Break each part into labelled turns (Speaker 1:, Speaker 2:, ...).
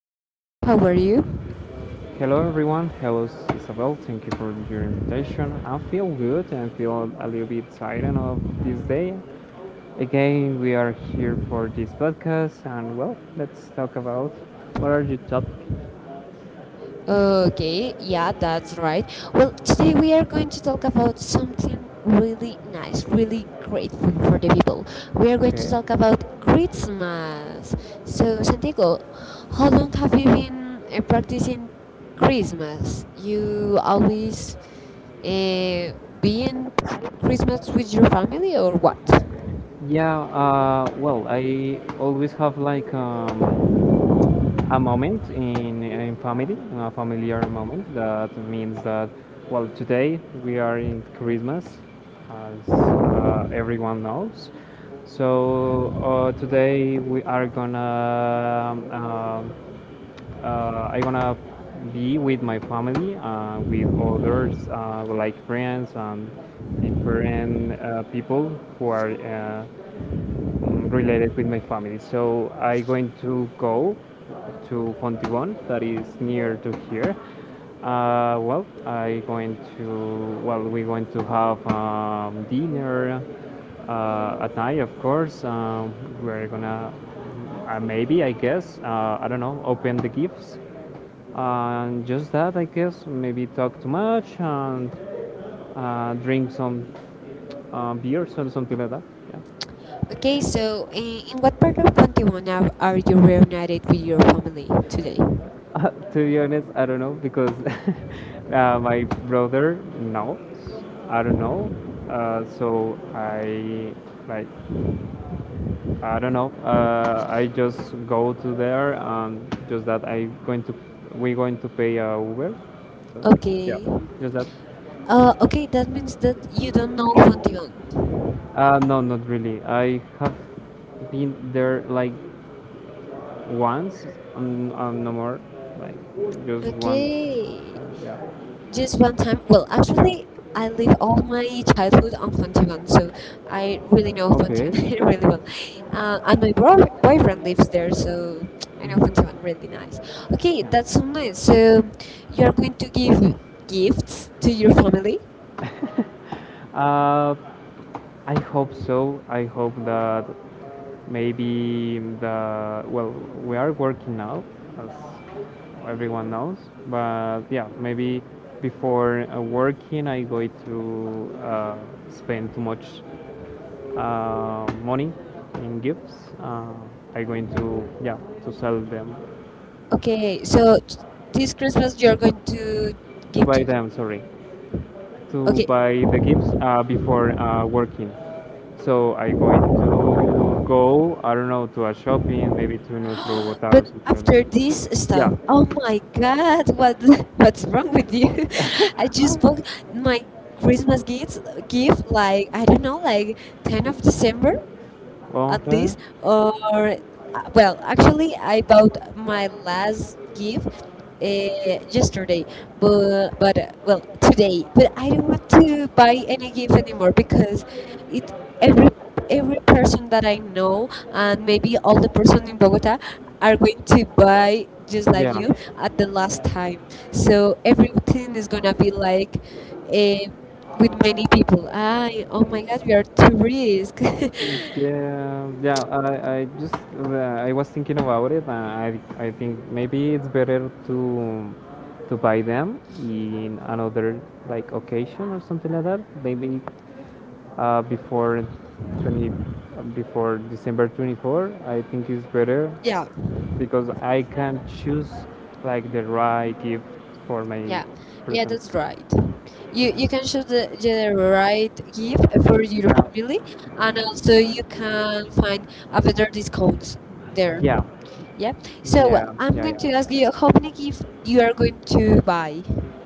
Speaker 1: Hi
Speaker 2: Hi Santiago,
Speaker 1: Santiago,
Speaker 2: how
Speaker 1: how are
Speaker 2: are
Speaker 1: you?
Speaker 2: you? Hello everyone, hello Isabel, thank you for your invitation. I feel good and feel a little bit tired of this day. Again, we are here for this podcast and well, let's talk about what are your topic? Uh,
Speaker 1: Okay, yeah,
Speaker 2: yeah,
Speaker 1: that's
Speaker 2: that's right.
Speaker 1: right.
Speaker 2: But
Speaker 1: Well,
Speaker 2: actually
Speaker 1: today we
Speaker 2: we are
Speaker 1: are going
Speaker 2: going to
Speaker 1: to
Speaker 2: talk
Speaker 1: talk
Speaker 2: about
Speaker 1: about
Speaker 2: something
Speaker 1: something really
Speaker 2: really nice,
Speaker 1: nice,
Speaker 2: really
Speaker 1: really grateful
Speaker 2: important.
Speaker 1: for the people. We are going to
Speaker 2: Okay.
Speaker 1: talk about Christmas. So, Santiago, how long have you been practicing
Speaker 2: Crazy.
Speaker 1: Christmas?
Speaker 2: You
Speaker 1: You
Speaker 2: are.
Speaker 1: always uh, be in Christmas with your family or what?
Speaker 2: Yeah. Well, I always have like a moment in family, a familiar moment that means that, well, today we are in Christmas, as everyone knows. So today we are gonna, I gonna be with my family, with others, like friends and different people who are related with my family. So I going to go to Fontibon, that is near to here. Well, I going to, well, we going to have dinner at night, of course. We're gonna, maybe, I guess, I don't know, open the gifts. And just that, I guess, maybe talk too much and drink some beers or something like that. Yeah.
Speaker 1: Okay, so in what part of Pontiwana are you reunited with your family today?
Speaker 2: To be honest, I don't know because my brother knows. I don't know. So I like I don't know. I just go to there and just that I going to, we're going to pay Uber. So yeah,
Speaker 1: Okay.
Speaker 2: just that.
Speaker 1: Okay, that means that you don't know Pontiwana.
Speaker 2: No, not really. I have been there like once and no more. Like just one.
Speaker 1: Okay.
Speaker 2: Yeah. Just
Speaker 1: Just
Speaker 2: one
Speaker 1: one time.
Speaker 2: quick
Speaker 1: Well,
Speaker 2: book. Yeah. I
Speaker 1: actually,
Speaker 2: love
Speaker 1: I lived all my
Speaker 2: childhood
Speaker 1: childhood on
Speaker 2: because it
Speaker 1: Pontivan,
Speaker 2: was
Speaker 1: so
Speaker 2: tough. I didn't
Speaker 1: I
Speaker 2: know
Speaker 1: really know
Speaker 2: what. Okay. To
Speaker 1: Pontivan
Speaker 2: do. I was
Speaker 1: really well.
Speaker 2: very
Speaker 1: And my boyfriend lives there, so I know
Speaker 2: confident. Hmm.
Speaker 1: Pontivan really nice. Okay,
Speaker 2: Yeah. That's
Speaker 1: that's so
Speaker 2: it.
Speaker 1: nice.
Speaker 2: So,
Speaker 1: So
Speaker 2: you are
Speaker 1: you're
Speaker 2: going
Speaker 1: going
Speaker 2: to
Speaker 1: to give
Speaker 2: give gifts
Speaker 1: gifts
Speaker 2: to
Speaker 1: to your
Speaker 2: your children.
Speaker 1: family?
Speaker 2: Uh, I hope so. I hope that maybe the, well, we are working now, as everyone knows. But yeah, maybe before working, I going to spend too much money in gifts. I going to, yeah, to sell them. Okay,
Speaker 1: Okay,
Speaker 2: so
Speaker 1: so
Speaker 2: this
Speaker 1: this
Speaker 2: could
Speaker 1: Christmas
Speaker 2: be
Speaker 1: you're
Speaker 2: your
Speaker 1: going to
Speaker 2: to
Speaker 1: give
Speaker 2: buy
Speaker 1: to.
Speaker 2: them. Sorry, to
Speaker 1: Okay,
Speaker 2: buy the gifts before working. So I going to go, I don't know, to a shopping, maybe to Nuestro Bogotá
Speaker 1: but
Speaker 2: or something like.
Speaker 1: after this
Speaker 2: After that.
Speaker 1: stuff, oh
Speaker 2: Yeah.
Speaker 1: my God, what what's wrong with you? I just bought my Christmas gift like I don't know, like 10th of December, at
Speaker 2: Okay.
Speaker 1: least or
Speaker 2: Well,
Speaker 1: well
Speaker 2: actually,
Speaker 1: actually
Speaker 2: I
Speaker 1: I
Speaker 2: got
Speaker 1: bought
Speaker 2: my
Speaker 1: my last
Speaker 2: last
Speaker 1: gift
Speaker 2: was yesterday,
Speaker 1: yesterday,
Speaker 2: well,
Speaker 1: but
Speaker 2: today, but
Speaker 1: well
Speaker 2: I'm
Speaker 1: today, but I don't want
Speaker 2: actually,
Speaker 1: to
Speaker 2: by
Speaker 1: buy any gift anymore because it every
Speaker 2: every person
Speaker 1: every person that
Speaker 2: that I
Speaker 1: I
Speaker 2: know
Speaker 1: know and
Speaker 2: and
Speaker 1: maybe
Speaker 2: maybe
Speaker 1: all the
Speaker 2: other people
Speaker 1: person
Speaker 2: in
Speaker 1: in
Speaker 2: Colombia
Speaker 1: Bogota
Speaker 2: are
Speaker 1: are
Speaker 2: like
Speaker 1: going
Speaker 2: to
Speaker 1: to
Speaker 2: buy
Speaker 1: buy
Speaker 2: just
Speaker 1: just
Speaker 2: like.
Speaker 1: like
Speaker 2: Yeah.
Speaker 1: you
Speaker 2: This
Speaker 1: at
Speaker 2: at
Speaker 1: the
Speaker 2: the last
Speaker 1: last
Speaker 2: time.
Speaker 1: time,
Speaker 2: So
Speaker 1: so
Speaker 2: everything
Speaker 1: everything
Speaker 2: is
Speaker 1: is
Speaker 2: gonna
Speaker 1: gonna be
Speaker 2: look like
Speaker 1: like uh,
Speaker 2: a
Speaker 1: with many
Speaker 2: beautiful
Speaker 1: people. I oh my god, we are too
Speaker 2: house.
Speaker 1: risk.
Speaker 2: Yeah, yeah. I just I was thinking about it, and I think maybe it's better to buy them in another like occasion or something like that. Maybe before 20 before December 24. I think it's better. Yeah.
Speaker 1: Yeah,
Speaker 2: Because I can choose like the right gift for my
Speaker 1: yeah, yeah.
Speaker 2: present.
Speaker 1: That's right. You
Speaker 2: Yeah.
Speaker 1: you can choose the right gift for your
Speaker 2: Yeah
Speaker 1: family, and also
Speaker 2: adulthood
Speaker 1: you can
Speaker 2: and like
Speaker 1: find a
Speaker 2: a
Speaker 1: better
Speaker 2: better
Speaker 1: discounts
Speaker 2: there.
Speaker 1: there.
Speaker 2: Yeah, yeah.
Speaker 1: Yeah.
Speaker 2: So yeah, I'm
Speaker 1: So
Speaker 2: yeah,
Speaker 1: well,
Speaker 2: going
Speaker 1: I'm
Speaker 2: yeah
Speaker 1: going to
Speaker 2: to ask
Speaker 1: ask you how
Speaker 2: you,
Speaker 1: many gifts you
Speaker 2: you are
Speaker 1: are
Speaker 2: going
Speaker 1: going to buy.
Speaker 2: to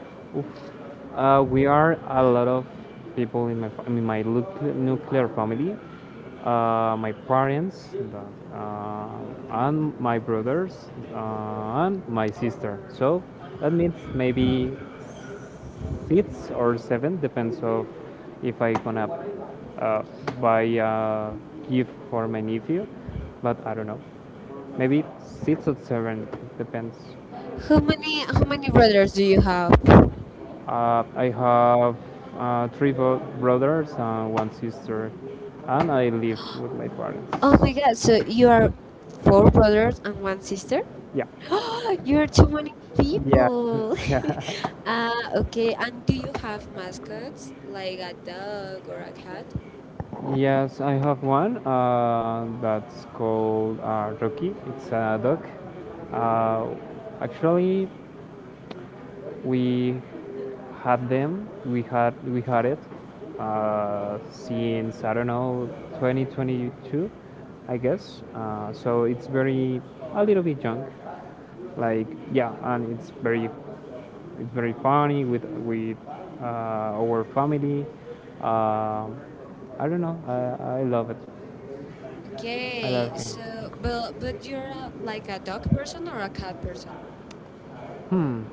Speaker 2: see. We are a lot of people in my nuclear family. My parents, that, and my brothers, and my sister. So that means maybe six or seven, depends of if I gonna uh, buy a gift for my nephew. But I don't know, maybe six or seven depends.
Speaker 1: How many brothers do you have?
Speaker 2: I have three brothers and one sister, and I live with my. Oh,
Speaker 1: Oh my
Speaker 2: parents.
Speaker 1: God! So you are four brothers and one sister.
Speaker 2: Yeah,
Speaker 1: You're
Speaker 2: oh,
Speaker 1: too many
Speaker 2: yeah,
Speaker 1: people.
Speaker 2: yeah.
Speaker 1: Uh, okay, and do you have mascots like a
Speaker 2: Like
Speaker 1: dog or a cat?
Speaker 2: yes, I have one that's called Rocky. It's a dog. Uh, Actually, we had them. We had it since I don't know 2022, I guess. So it's very a little bit junk, like yeah, and it's very funny with our family. Uh, I don't know. I love it. I
Speaker 1: Okay,
Speaker 2: love
Speaker 1: so
Speaker 2: him.
Speaker 1: but you're like a dog
Speaker 2: Like,
Speaker 1: person or a cat person?
Speaker 2: hmm,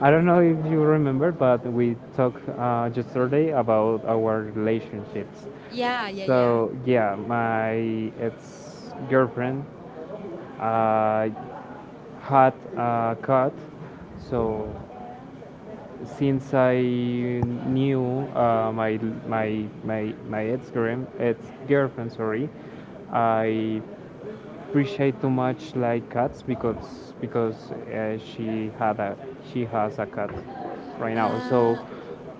Speaker 2: I don't know if you remember, but we talked yesterday about our relationships. Yeah.
Speaker 1: Yeah, yeah, yeah.
Speaker 2: So yeah, my ex girlfriend uh, had a cat. So since I knew my ex girlfriend, sorry, I appreciate too much like cats because she had a, she has a cat right now.
Speaker 1: Uh,
Speaker 2: So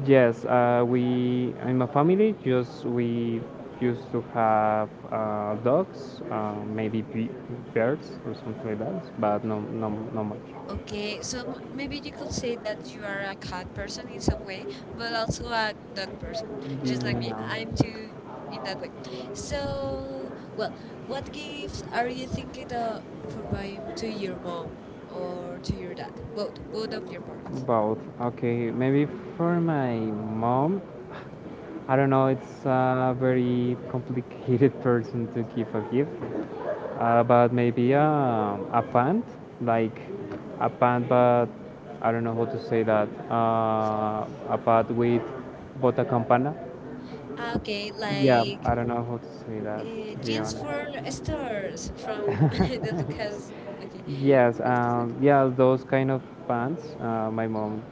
Speaker 2: yes, we in my family just we used to have dogs, maybe birds or something like that, but no much.
Speaker 1: okay,
Speaker 2: Okay,
Speaker 1: so
Speaker 2: so maybe
Speaker 1: maybe you
Speaker 2: you
Speaker 1: could
Speaker 2: could say
Speaker 1: say that
Speaker 2: that you
Speaker 1: you are
Speaker 2: are
Speaker 1: a
Speaker 2: a hot
Speaker 1: cat
Speaker 2: person
Speaker 1: person in
Speaker 2: in some
Speaker 1: some
Speaker 2: way,
Speaker 1: way,
Speaker 2: you
Speaker 1: but also
Speaker 2: are
Speaker 1: a dog
Speaker 2: a
Speaker 1: person, just
Speaker 2: just like.
Speaker 1: like
Speaker 2: Mm,
Speaker 1: me.
Speaker 2: no.
Speaker 1: I'm too
Speaker 2: I'm
Speaker 1: in that
Speaker 2: in
Speaker 1: way.
Speaker 2: that.
Speaker 1: So,
Speaker 2: So
Speaker 1: well, what gifts
Speaker 2: like
Speaker 1: are you thinking of for buying to your mom or to your dad? Both, both of your parents.
Speaker 2: both. Okay, maybe for my mom, I don't know, it's a very complicated person to give a gift, but maybe a pant, like a pant, but I don't know how to say that. A pant with bota campana. Okay,
Speaker 1: Okay,
Speaker 2: like, yeah,
Speaker 1: like
Speaker 2: I don't know how to say that, to be
Speaker 1: jeans
Speaker 2: honest.
Speaker 1: for
Speaker 2: Start, start.
Speaker 1: stars from
Speaker 2: Oh,
Speaker 1: the
Speaker 2: okay.
Speaker 1: Lucas. Okay,
Speaker 2: Yes,
Speaker 1: the Lucas Duck.
Speaker 2: yeah, those kind of pants my mom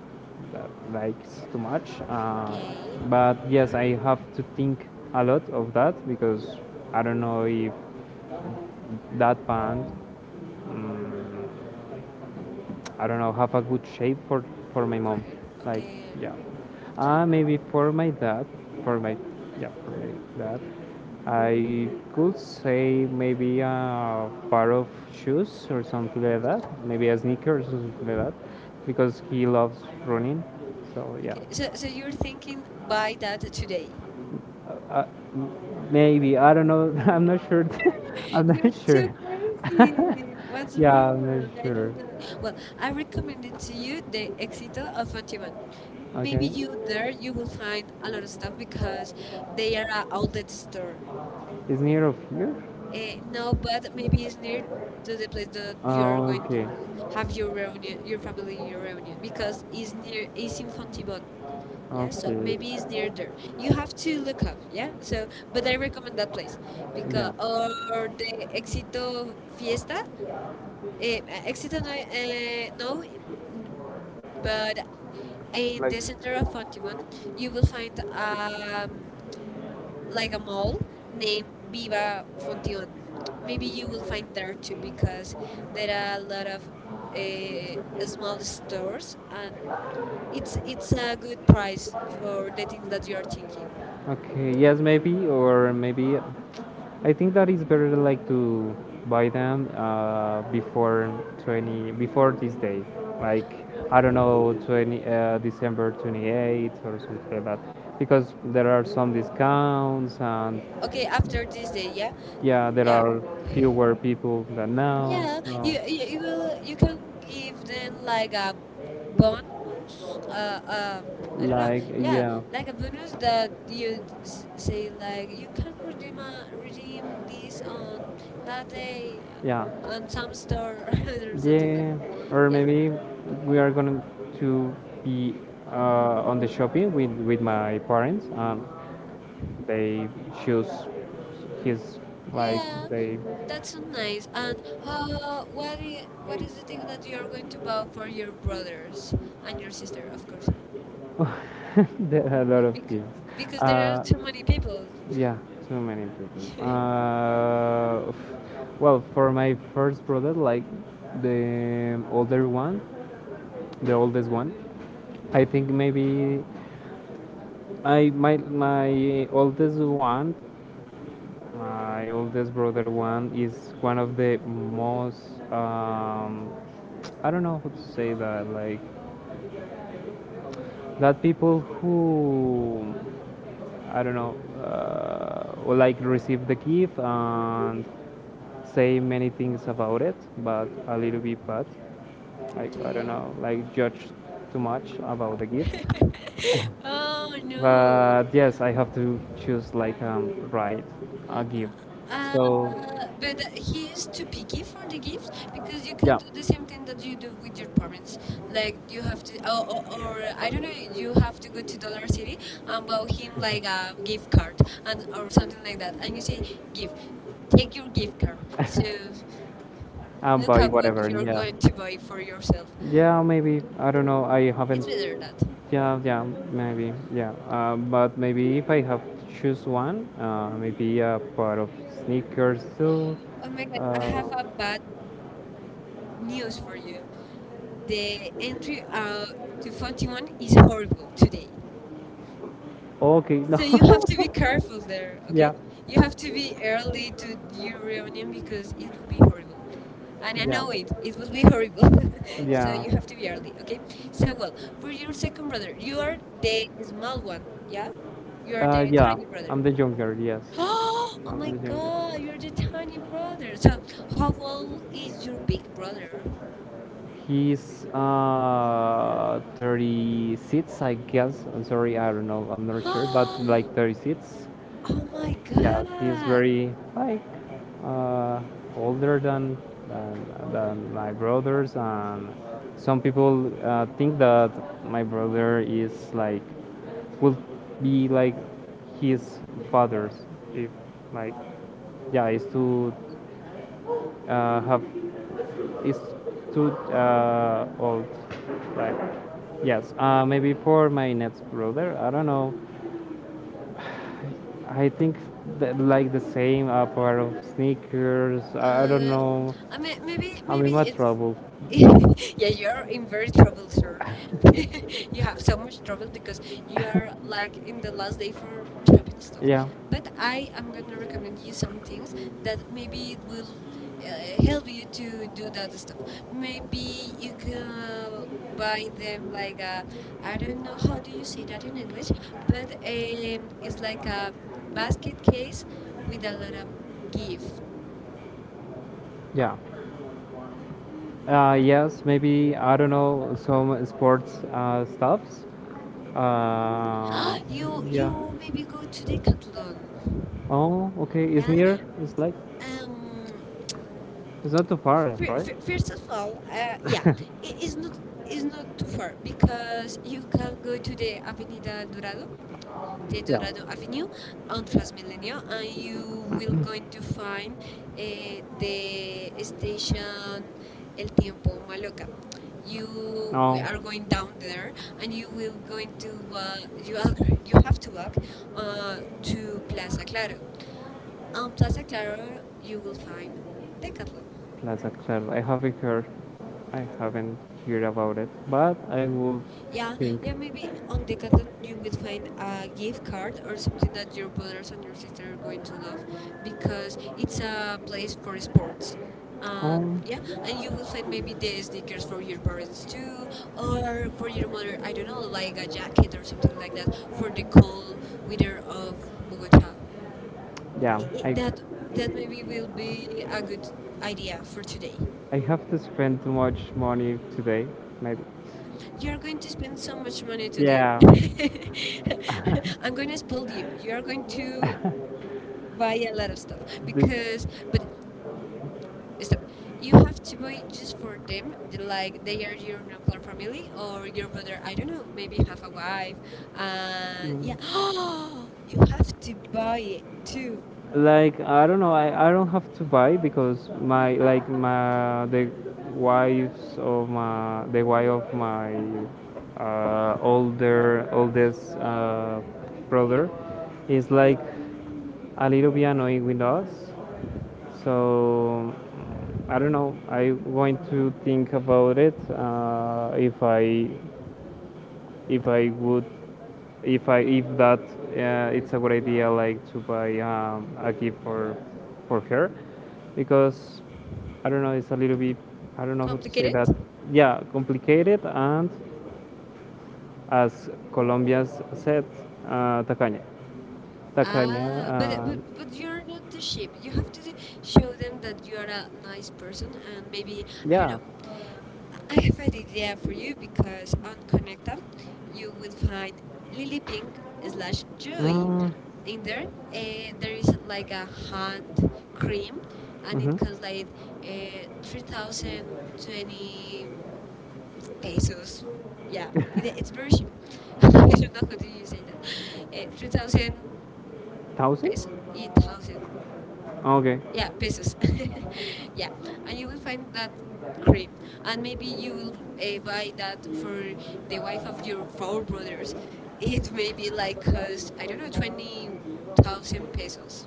Speaker 2: uh, likes too much.
Speaker 1: Okay,
Speaker 2: But yes, I have to think a lot of that because I don't know if that pant. Mm. I don't know, have a good shape for my
Speaker 1: for
Speaker 2: mom.
Speaker 1: her.
Speaker 2: Like,
Speaker 1: Okay.
Speaker 2: yeah. Maybe for my dad, for my, yeah, for my dad. I could say maybe a pair of shoes or something like that. Maybe a sneaker or something like that, because he loves running. So yeah.
Speaker 1: Okay, so, so you're thinking buy that today.
Speaker 2: Uh, uh, Maybe I don't know. I'm not sure. I'm
Speaker 1: You're
Speaker 2: not
Speaker 1: too
Speaker 2: sure.
Speaker 1: crazy. What's
Speaker 2: Yeah,
Speaker 1: wrong?
Speaker 2: I'm not
Speaker 1: I don't
Speaker 2: sure.
Speaker 1: know. Well, I recommend it to you, the Éxito of Fantiman. Maybe
Speaker 2: Okay.
Speaker 1: you there, you will find a lot of stuff because they are a outlet store.
Speaker 2: Is near of here.
Speaker 1: Uh, no, but maybe it's near to the place that you are
Speaker 2: Oh,
Speaker 1: going to
Speaker 2: okay.
Speaker 1: have your reunion, your family reunion, because it's near, it's in Fontibon. Yeah, so
Speaker 2: Okay. You
Speaker 1: maybe it's near there. You have
Speaker 2: have to,
Speaker 1: to look up,
Speaker 2: yeah,
Speaker 1: yeah?
Speaker 2: so
Speaker 1: So, but
Speaker 2: whether
Speaker 1: I recommend
Speaker 2: you
Speaker 1: that place
Speaker 2: are.
Speaker 1: because
Speaker 2: Yeah. or,
Speaker 1: or
Speaker 2: or
Speaker 1: the
Speaker 2: the Exito
Speaker 1: Éxito Fiesta,
Speaker 2: Fiesta,
Speaker 1: eh,
Speaker 2: eh,
Speaker 1: Éxito
Speaker 2: Exito,
Speaker 1: no,
Speaker 2: eh,
Speaker 1: eh, no,
Speaker 2: no, but
Speaker 1: but
Speaker 2: I
Speaker 1: in the
Speaker 2: like,
Speaker 1: center
Speaker 2: discovered
Speaker 1: of Fontibon, you
Speaker 2: you will
Speaker 1: will
Speaker 2: find
Speaker 1: find
Speaker 2: at like
Speaker 1: like a
Speaker 2: mall
Speaker 1: mall
Speaker 2: named
Speaker 1: named
Speaker 2: Viva
Speaker 1: Viva
Speaker 2: Mondo.
Speaker 1: Función.
Speaker 2: Maybe
Speaker 1: Maybe you
Speaker 2: you
Speaker 1: will
Speaker 2: will
Speaker 1: find
Speaker 2: find there
Speaker 1: there too
Speaker 2: pizzas.
Speaker 1: because there
Speaker 2: There are
Speaker 1: are a lot of
Speaker 2: a small
Speaker 1: small
Speaker 2: store
Speaker 1: stores and
Speaker 2: and it's
Speaker 1: it's
Speaker 2: pizza
Speaker 1: a good
Speaker 2: with crust.
Speaker 1: price
Speaker 2: So
Speaker 1: for the
Speaker 2: I
Speaker 1: things
Speaker 2: think that
Speaker 1: that
Speaker 2: you
Speaker 1: you are thinking.
Speaker 2: will, okay, yes, maybe, or maybe I think that it's better like to buy them before 20 before this day, like I don't know 20 December 28th or something like that, because there are some discounts and
Speaker 1: Okay, after this day, yeah,
Speaker 2: yeah, there
Speaker 1: yeah.
Speaker 2: are fewer people than now.
Speaker 1: Yeah,
Speaker 2: Yeah. So.
Speaker 1: you can give them
Speaker 2: Like,
Speaker 1: like a bonus. Uh, um,
Speaker 2: uh,
Speaker 1: I don't know.
Speaker 2: like
Speaker 1: Yeah,
Speaker 2: yeah, yeah, like
Speaker 1: like a bonus that you say like you can
Speaker 2: like,
Speaker 1: redeem this on that day
Speaker 2: yeah.
Speaker 1: on some store or something like that.
Speaker 2: Yeah, or
Speaker 1: Yeah,
Speaker 2: maybe we are going to be on the shopping with my parents. They choose his like
Speaker 1: yeah,
Speaker 2: they
Speaker 1: that's so nice. And what is the thing that you are going to buy for your brothers and your sister, of course,
Speaker 2: there are a lot of
Speaker 1: because,
Speaker 2: things.
Speaker 1: because there are too
Speaker 2: So
Speaker 1: many people.
Speaker 2: yeah, too many people. Well, for my first brother, like the older one, the oldest one, I think maybe I my my oldest one my oldest brother one is one of the most I don't know how to say that like that people who I don't know like receive the gift and say many things about it but a little bit bad like I don't
Speaker 1: Okay.
Speaker 2: know like judge too much about the gift
Speaker 1: Oh no.
Speaker 2: but yes I have to choose like right a gift
Speaker 1: Uh,
Speaker 2: so
Speaker 1: but he is too picky for the gifts because you can
Speaker 2: yeah.
Speaker 1: do the same thing that you do with your parents. Like you have to, or I don't know, you have to go to Dollar City and buy him like a gift card and or something like that. And you say, "Give, take your gift card." So look
Speaker 2: Buy
Speaker 1: at what
Speaker 2: whatever.
Speaker 1: you're
Speaker 2: Yeah,
Speaker 1: going to buy for yourself.
Speaker 2: yeah, maybe I don't know. I haven't.
Speaker 1: It's better that.
Speaker 2: Yeah, yeah, maybe. Yeah, but maybe if I have to choose one, maybe a pair of sneakers too.
Speaker 1: Oh my
Speaker 2: Oh.
Speaker 1: god, I have a
Speaker 2: Uh,
Speaker 1: bad news for you. The entry to Fontimon is horrible today.
Speaker 2: okay, so
Speaker 1: So you have
Speaker 2: no.
Speaker 1: to be careful there, okay?
Speaker 2: Yeah.
Speaker 1: You have to be early
Speaker 2: Really,
Speaker 1: to your reunion because it will
Speaker 2: really
Speaker 1: be horrible. And
Speaker 2: and
Speaker 1: I
Speaker 2: it yeah
Speaker 1: know
Speaker 2: anyway,
Speaker 1: it, it
Speaker 2: it will
Speaker 1: will be
Speaker 2: be hurt.
Speaker 1: horrible. So
Speaker 2: Yeah I have
Speaker 1: you have to be
Speaker 2: it.
Speaker 1: early, okay?
Speaker 2: So
Speaker 1: So, well,
Speaker 2: what?
Speaker 1: for
Speaker 2: Who
Speaker 1: your
Speaker 2: your
Speaker 1: second
Speaker 2: second brother?
Speaker 1: brother, you
Speaker 2: You
Speaker 1: are
Speaker 2: are
Speaker 1: the
Speaker 2: the
Speaker 1: small
Speaker 2: small
Speaker 1: one,
Speaker 2: one,
Speaker 1: yeah?
Speaker 2: yeah?
Speaker 1: You
Speaker 2: You
Speaker 1: are
Speaker 2: are
Speaker 1: the
Speaker 2: the yeah younger
Speaker 1: tiny
Speaker 2: brother.
Speaker 1: brother.
Speaker 2: I'm the younger yes. Oh,
Speaker 1: Oh
Speaker 2: oh I'm
Speaker 1: my
Speaker 2: my the younger
Speaker 1: god,
Speaker 2: God! You
Speaker 1: you're the
Speaker 2: have
Speaker 1: tiny
Speaker 2: the second
Speaker 1: brother.
Speaker 2: brother.
Speaker 1: So,
Speaker 2: So
Speaker 1: how
Speaker 2: how old
Speaker 1: old
Speaker 2: is
Speaker 1: is
Speaker 2: your
Speaker 1: your big
Speaker 2: big
Speaker 1: brother?
Speaker 2: brother? He's 30 seats, I guess. I'm sorry, I don't know. I'm not sure, but like 30 seats.
Speaker 1: Oh my
Speaker 2: Yeah, he's
Speaker 1: god.
Speaker 2: very like uh, older than than my brothers, and some people think that my brother is like will be like his father's if like yeah, is to have it's too old. Like, yes, maybe for my next brother. I don't know. I think that, like the same pair of sneakers. I don't
Speaker 1: Uh,
Speaker 2: know.
Speaker 1: I mean, maybe
Speaker 2: I am in
Speaker 1: maybe
Speaker 2: my
Speaker 1: it's yeah,
Speaker 2: yeah,
Speaker 1: you're
Speaker 2: trouble.
Speaker 1: in very trouble, sir. You
Speaker 2: You have
Speaker 1: have so
Speaker 2: some
Speaker 1: much trouble
Speaker 2: trouble because
Speaker 1: because
Speaker 2: you
Speaker 1: you are
Speaker 2: are like
Speaker 1: like in
Speaker 2: in
Speaker 1: the
Speaker 2: the
Speaker 1: last
Speaker 2: last
Speaker 1: day
Speaker 2: day for
Speaker 1: for
Speaker 2: your function.
Speaker 1: shopping stuff.
Speaker 2: Yeah. But
Speaker 1: But
Speaker 2: I
Speaker 1: I
Speaker 2: am
Speaker 1: am
Speaker 2: going to
Speaker 1: gonna recommend
Speaker 2: recommend
Speaker 1: you
Speaker 2: you
Speaker 1: some things
Speaker 2: something that
Speaker 1: that
Speaker 2: maybe
Speaker 1: maybe it
Speaker 2: would
Speaker 1: will
Speaker 2: help
Speaker 1: help you
Speaker 2: you to
Speaker 1: to do that
Speaker 2: realize.
Speaker 1: stuff.
Speaker 2: Maybe
Speaker 1: Maybe you
Speaker 2: if
Speaker 1: can
Speaker 2: you divide
Speaker 1: buy
Speaker 2: them
Speaker 1: them
Speaker 2: like
Speaker 1: like
Speaker 2: that,
Speaker 1: a
Speaker 2: I
Speaker 1: I
Speaker 2: don't
Speaker 1: don't know
Speaker 2: know
Speaker 1: how
Speaker 2: how
Speaker 1: do
Speaker 2: to
Speaker 1: you
Speaker 2: say
Speaker 1: say that
Speaker 2: that in
Speaker 1: in English,
Speaker 2: English,
Speaker 1: but
Speaker 2: but
Speaker 1: it's
Speaker 2: it's like
Speaker 1: like
Speaker 2: a
Speaker 1: a
Speaker 2: basket
Speaker 1: basket
Speaker 2: cakes
Speaker 1: case with
Speaker 2: with a
Speaker 1: a
Speaker 2: lot
Speaker 1: lot of
Speaker 2: of cheese.
Speaker 1: gift.
Speaker 2: Yeah. Yes, maybe I don't know some sports stuffs. Uh,
Speaker 1: you
Speaker 2: yeah.
Speaker 1: you maybe go to Decathlon.
Speaker 2: Oh, okay. It's
Speaker 1: Yeah.
Speaker 2: near. It's like.
Speaker 1: Um.
Speaker 2: It's not too far, right?
Speaker 1: First
Speaker 2: First
Speaker 1: of
Speaker 2: of all,
Speaker 1: all, yeah,
Speaker 2: yeah. It
Speaker 1: it is
Speaker 2: is not,
Speaker 1: not
Speaker 2: is not
Speaker 1: too
Speaker 2: too far
Speaker 1: far because
Speaker 2: because we
Speaker 1: you
Speaker 2: can go
Speaker 1: can go to
Speaker 2: to the
Speaker 1: the Avenida
Speaker 2: Avenida
Speaker 1: Dorado,
Speaker 2: Bravo, the.
Speaker 1: the
Speaker 2: Yeah.
Speaker 1: Dorado
Speaker 2: Bravo
Speaker 1: Avenue,
Speaker 2: Avenue
Speaker 1: on
Speaker 2: on the Espanol,
Speaker 1: Transmilenio, and you
Speaker 2: you
Speaker 1: will
Speaker 2: will
Speaker 1: going
Speaker 2: quite
Speaker 1: to
Speaker 2: find
Speaker 1: find uh,
Speaker 2: the
Speaker 1: the station
Speaker 2: destination
Speaker 1: El
Speaker 2: and
Speaker 1: Tiempo
Speaker 2: people on the
Speaker 1: Maloca.
Speaker 2: block.
Speaker 1: You
Speaker 2: You will.
Speaker 1: We
Speaker 2: Oh.
Speaker 1: are
Speaker 2: Are
Speaker 1: going
Speaker 2: going down
Speaker 1: down
Speaker 2: there
Speaker 1: there, and
Speaker 2: and
Speaker 1: you
Speaker 2: you
Speaker 1: will
Speaker 2: will
Speaker 1: going to
Speaker 2: going to
Speaker 1: you are, you
Speaker 2: you
Speaker 1: have
Speaker 2: have
Speaker 1: to
Speaker 2: to
Speaker 1: walk
Speaker 2: walk to
Speaker 1: to
Speaker 2: Plaza
Speaker 1: Plaza
Speaker 2: Claro.
Speaker 1: Claro. On
Speaker 2: On
Speaker 1: Plaza
Speaker 2: Plaza
Speaker 1: Claro,
Speaker 2: Claro, you
Speaker 1: you will
Speaker 2: will
Speaker 1: find
Speaker 2: find the
Speaker 1: Decathlon.
Speaker 2: pickup. Plaza Claro. I haven't heard about it, but I will, yeah,
Speaker 1: Yeah,
Speaker 2: think.
Speaker 1: yeah, maybe on Decathlon you will find a gift card or something that your brothers and your sister are going to love because it's a place for sports.
Speaker 2: Um,
Speaker 1: And
Speaker 2: Um,
Speaker 1: yeah, and you
Speaker 2: yeah,
Speaker 1: will find maybe the sneakers for your parents too, or for your mother, I don't know, like a jacket or
Speaker 2: like
Speaker 1: something like that for the cold weather of Bogota.
Speaker 2: yeah,
Speaker 1: I
Speaker 2: I That
Speaker 1: that That
Speaker 2: that will
Speaker 1: maybe
Speaker 2: be
Speaker 1: will be
Speaker 2: our
Speaker 1: a good
Speaker 2: idea
Speaker 1: idea for
Speaker 2: for
Speaker 1: today.
Speaker 2: today. I have to spend too much money today, maybe. You are
Speaker 1: You're
Speaker 2: going
Speaker 1: going
Speaker 2: to
Speaker 1: to spend
Speaker 2: spend so
Speaker 1: so much
Speaker 2: much money
Speaker 1: money
Speaker 2: today.
Speaker 1: today.
Speaker 2: Yeah. I'm
Speaker 1: I'm going
Speaker 2: going
Speaker 1: to
Speaker 2: to scold
Speaker 1: spoil you.
Speaker 2: you. You are
Speaker 1: You're
Speaker 2: going
Speaker 1: going to
Speaker 2: to buy
Speaker 1: buy
Speaker 2: a
Speaker 1: a
Speaker 2: lot.
Speaker 1: lot of stuff
Speaker 2: The- because
Speaker 1: because,
Speaker 2: the
Speaker 1: but
Speaker 2: is
Speaker 1: stop.
Speaker 2: that You
Speaker 1: You
Speaker 2: have
Speaker 1: have
Speaker 2: to
Speaker 1: to buy
Speaker 2: wait
Speaker 1: just
Speaker 2: for
Speaker 1: for them,
Speaker 2: them, like
Speaker 1: like
Speaker 2: they
Speaker 1: they are
Speaker 2: are
Speaker 1: your
Speaker 2: doing with my
Speaker 1: nuclear
Speaker 2: family
Speaker 1: family
Speaker 2: or
Speaker 1: or your
Speaker 2: doing with their
Speaker 1: brother. I
Speaker 2: own,
Speaker 1: don't know.
Speaker 2: or maybe
Speaker 1: Maybe
Speaker 2: you have
Speaker 1: have a
Speaker 2: a wife.
Speaker 1: wife.
Speaker 2: And,
Speaker 1: Yeah.
Speaker 2: Yeah, oh,
Speaker 1: You
Speaker 2: you
Speaker 1: have to
Speaker 2: have to buy
Speaker 1: buy
Speaker 2: it
Speaker 1: it
Speaker 2: too.
Speaker 1: too.
Speaker 2: I don't have to buy because my like my the wives of my the wife of my older oldest brother is like a little bit annoying with us, so I don't know. I'm going to think about it. If I would if I if that It's a good idea, like, to buy a gift for her, because I don't know. It's a little bit, I don't know how to say
Speaker 1: Complicated.
Speaker 2: that. Yeah, complicated, and as Colombians said, tacaña. Такая.
Speaker 1: Ah, but you're not the sheep. You have to show them that you are a nice person and maybe I don't
Speaker 2: Да.
Speaker 1: know, I have an idea for you because on Connecta you will find Lily Pink slash Joy.
Speaker 2: Мм.
Speaker 1: In there, there is like a hand cream and it costs like 3020 pesos. Yeah, it's very cheap. I don't know how do you say that.
Speaker 2: Угу.
Speaker 1: 3000
Speaker 2: Thousand?
Speaker 1: pesos. 8000
Speaker 2: Okay.
Speaker 1: yeah
Speaker 2: Yeah, pesos.
Speaker 1: pesos yeah,
Speaker 2: yeah,
Speaker 1: and
Speaker 2: and you
Speaker 1: you will
Speaker 2: will
Speaker 1: find
Speaker 2: find
Speaker 1: that
Speaker 2: that free.
Speaker 1: cream,
Speaker 2: And
Speaker 1: and maybe you
Speaker 2: you
Speaker 1: will
Speaker 2: buy
Speaker 1: buy that
Speaker 2: that for
Speaker 1: for
Speaker 2: the
Speaker 1: the wife
Speaker 2: one
Speaker 1: of
Speaker 2: from
Speaker 1: your
Speaker 2: your
Speaker 1: four
Speaker 2: phone.
Speaker 1: brothers.
Speaker 2: It will
Speaker 1: It
Speaker 2: be
Speaker 1: may be
Speaker 2: like, I
Speaker 1: like cost I don't
Speaker 2: don't
Speaker 1: know
Speaker 2: know, 20 tops
Speaker 1: 20,000
Speaker 2: in pesos.
Speaker 1: pesos.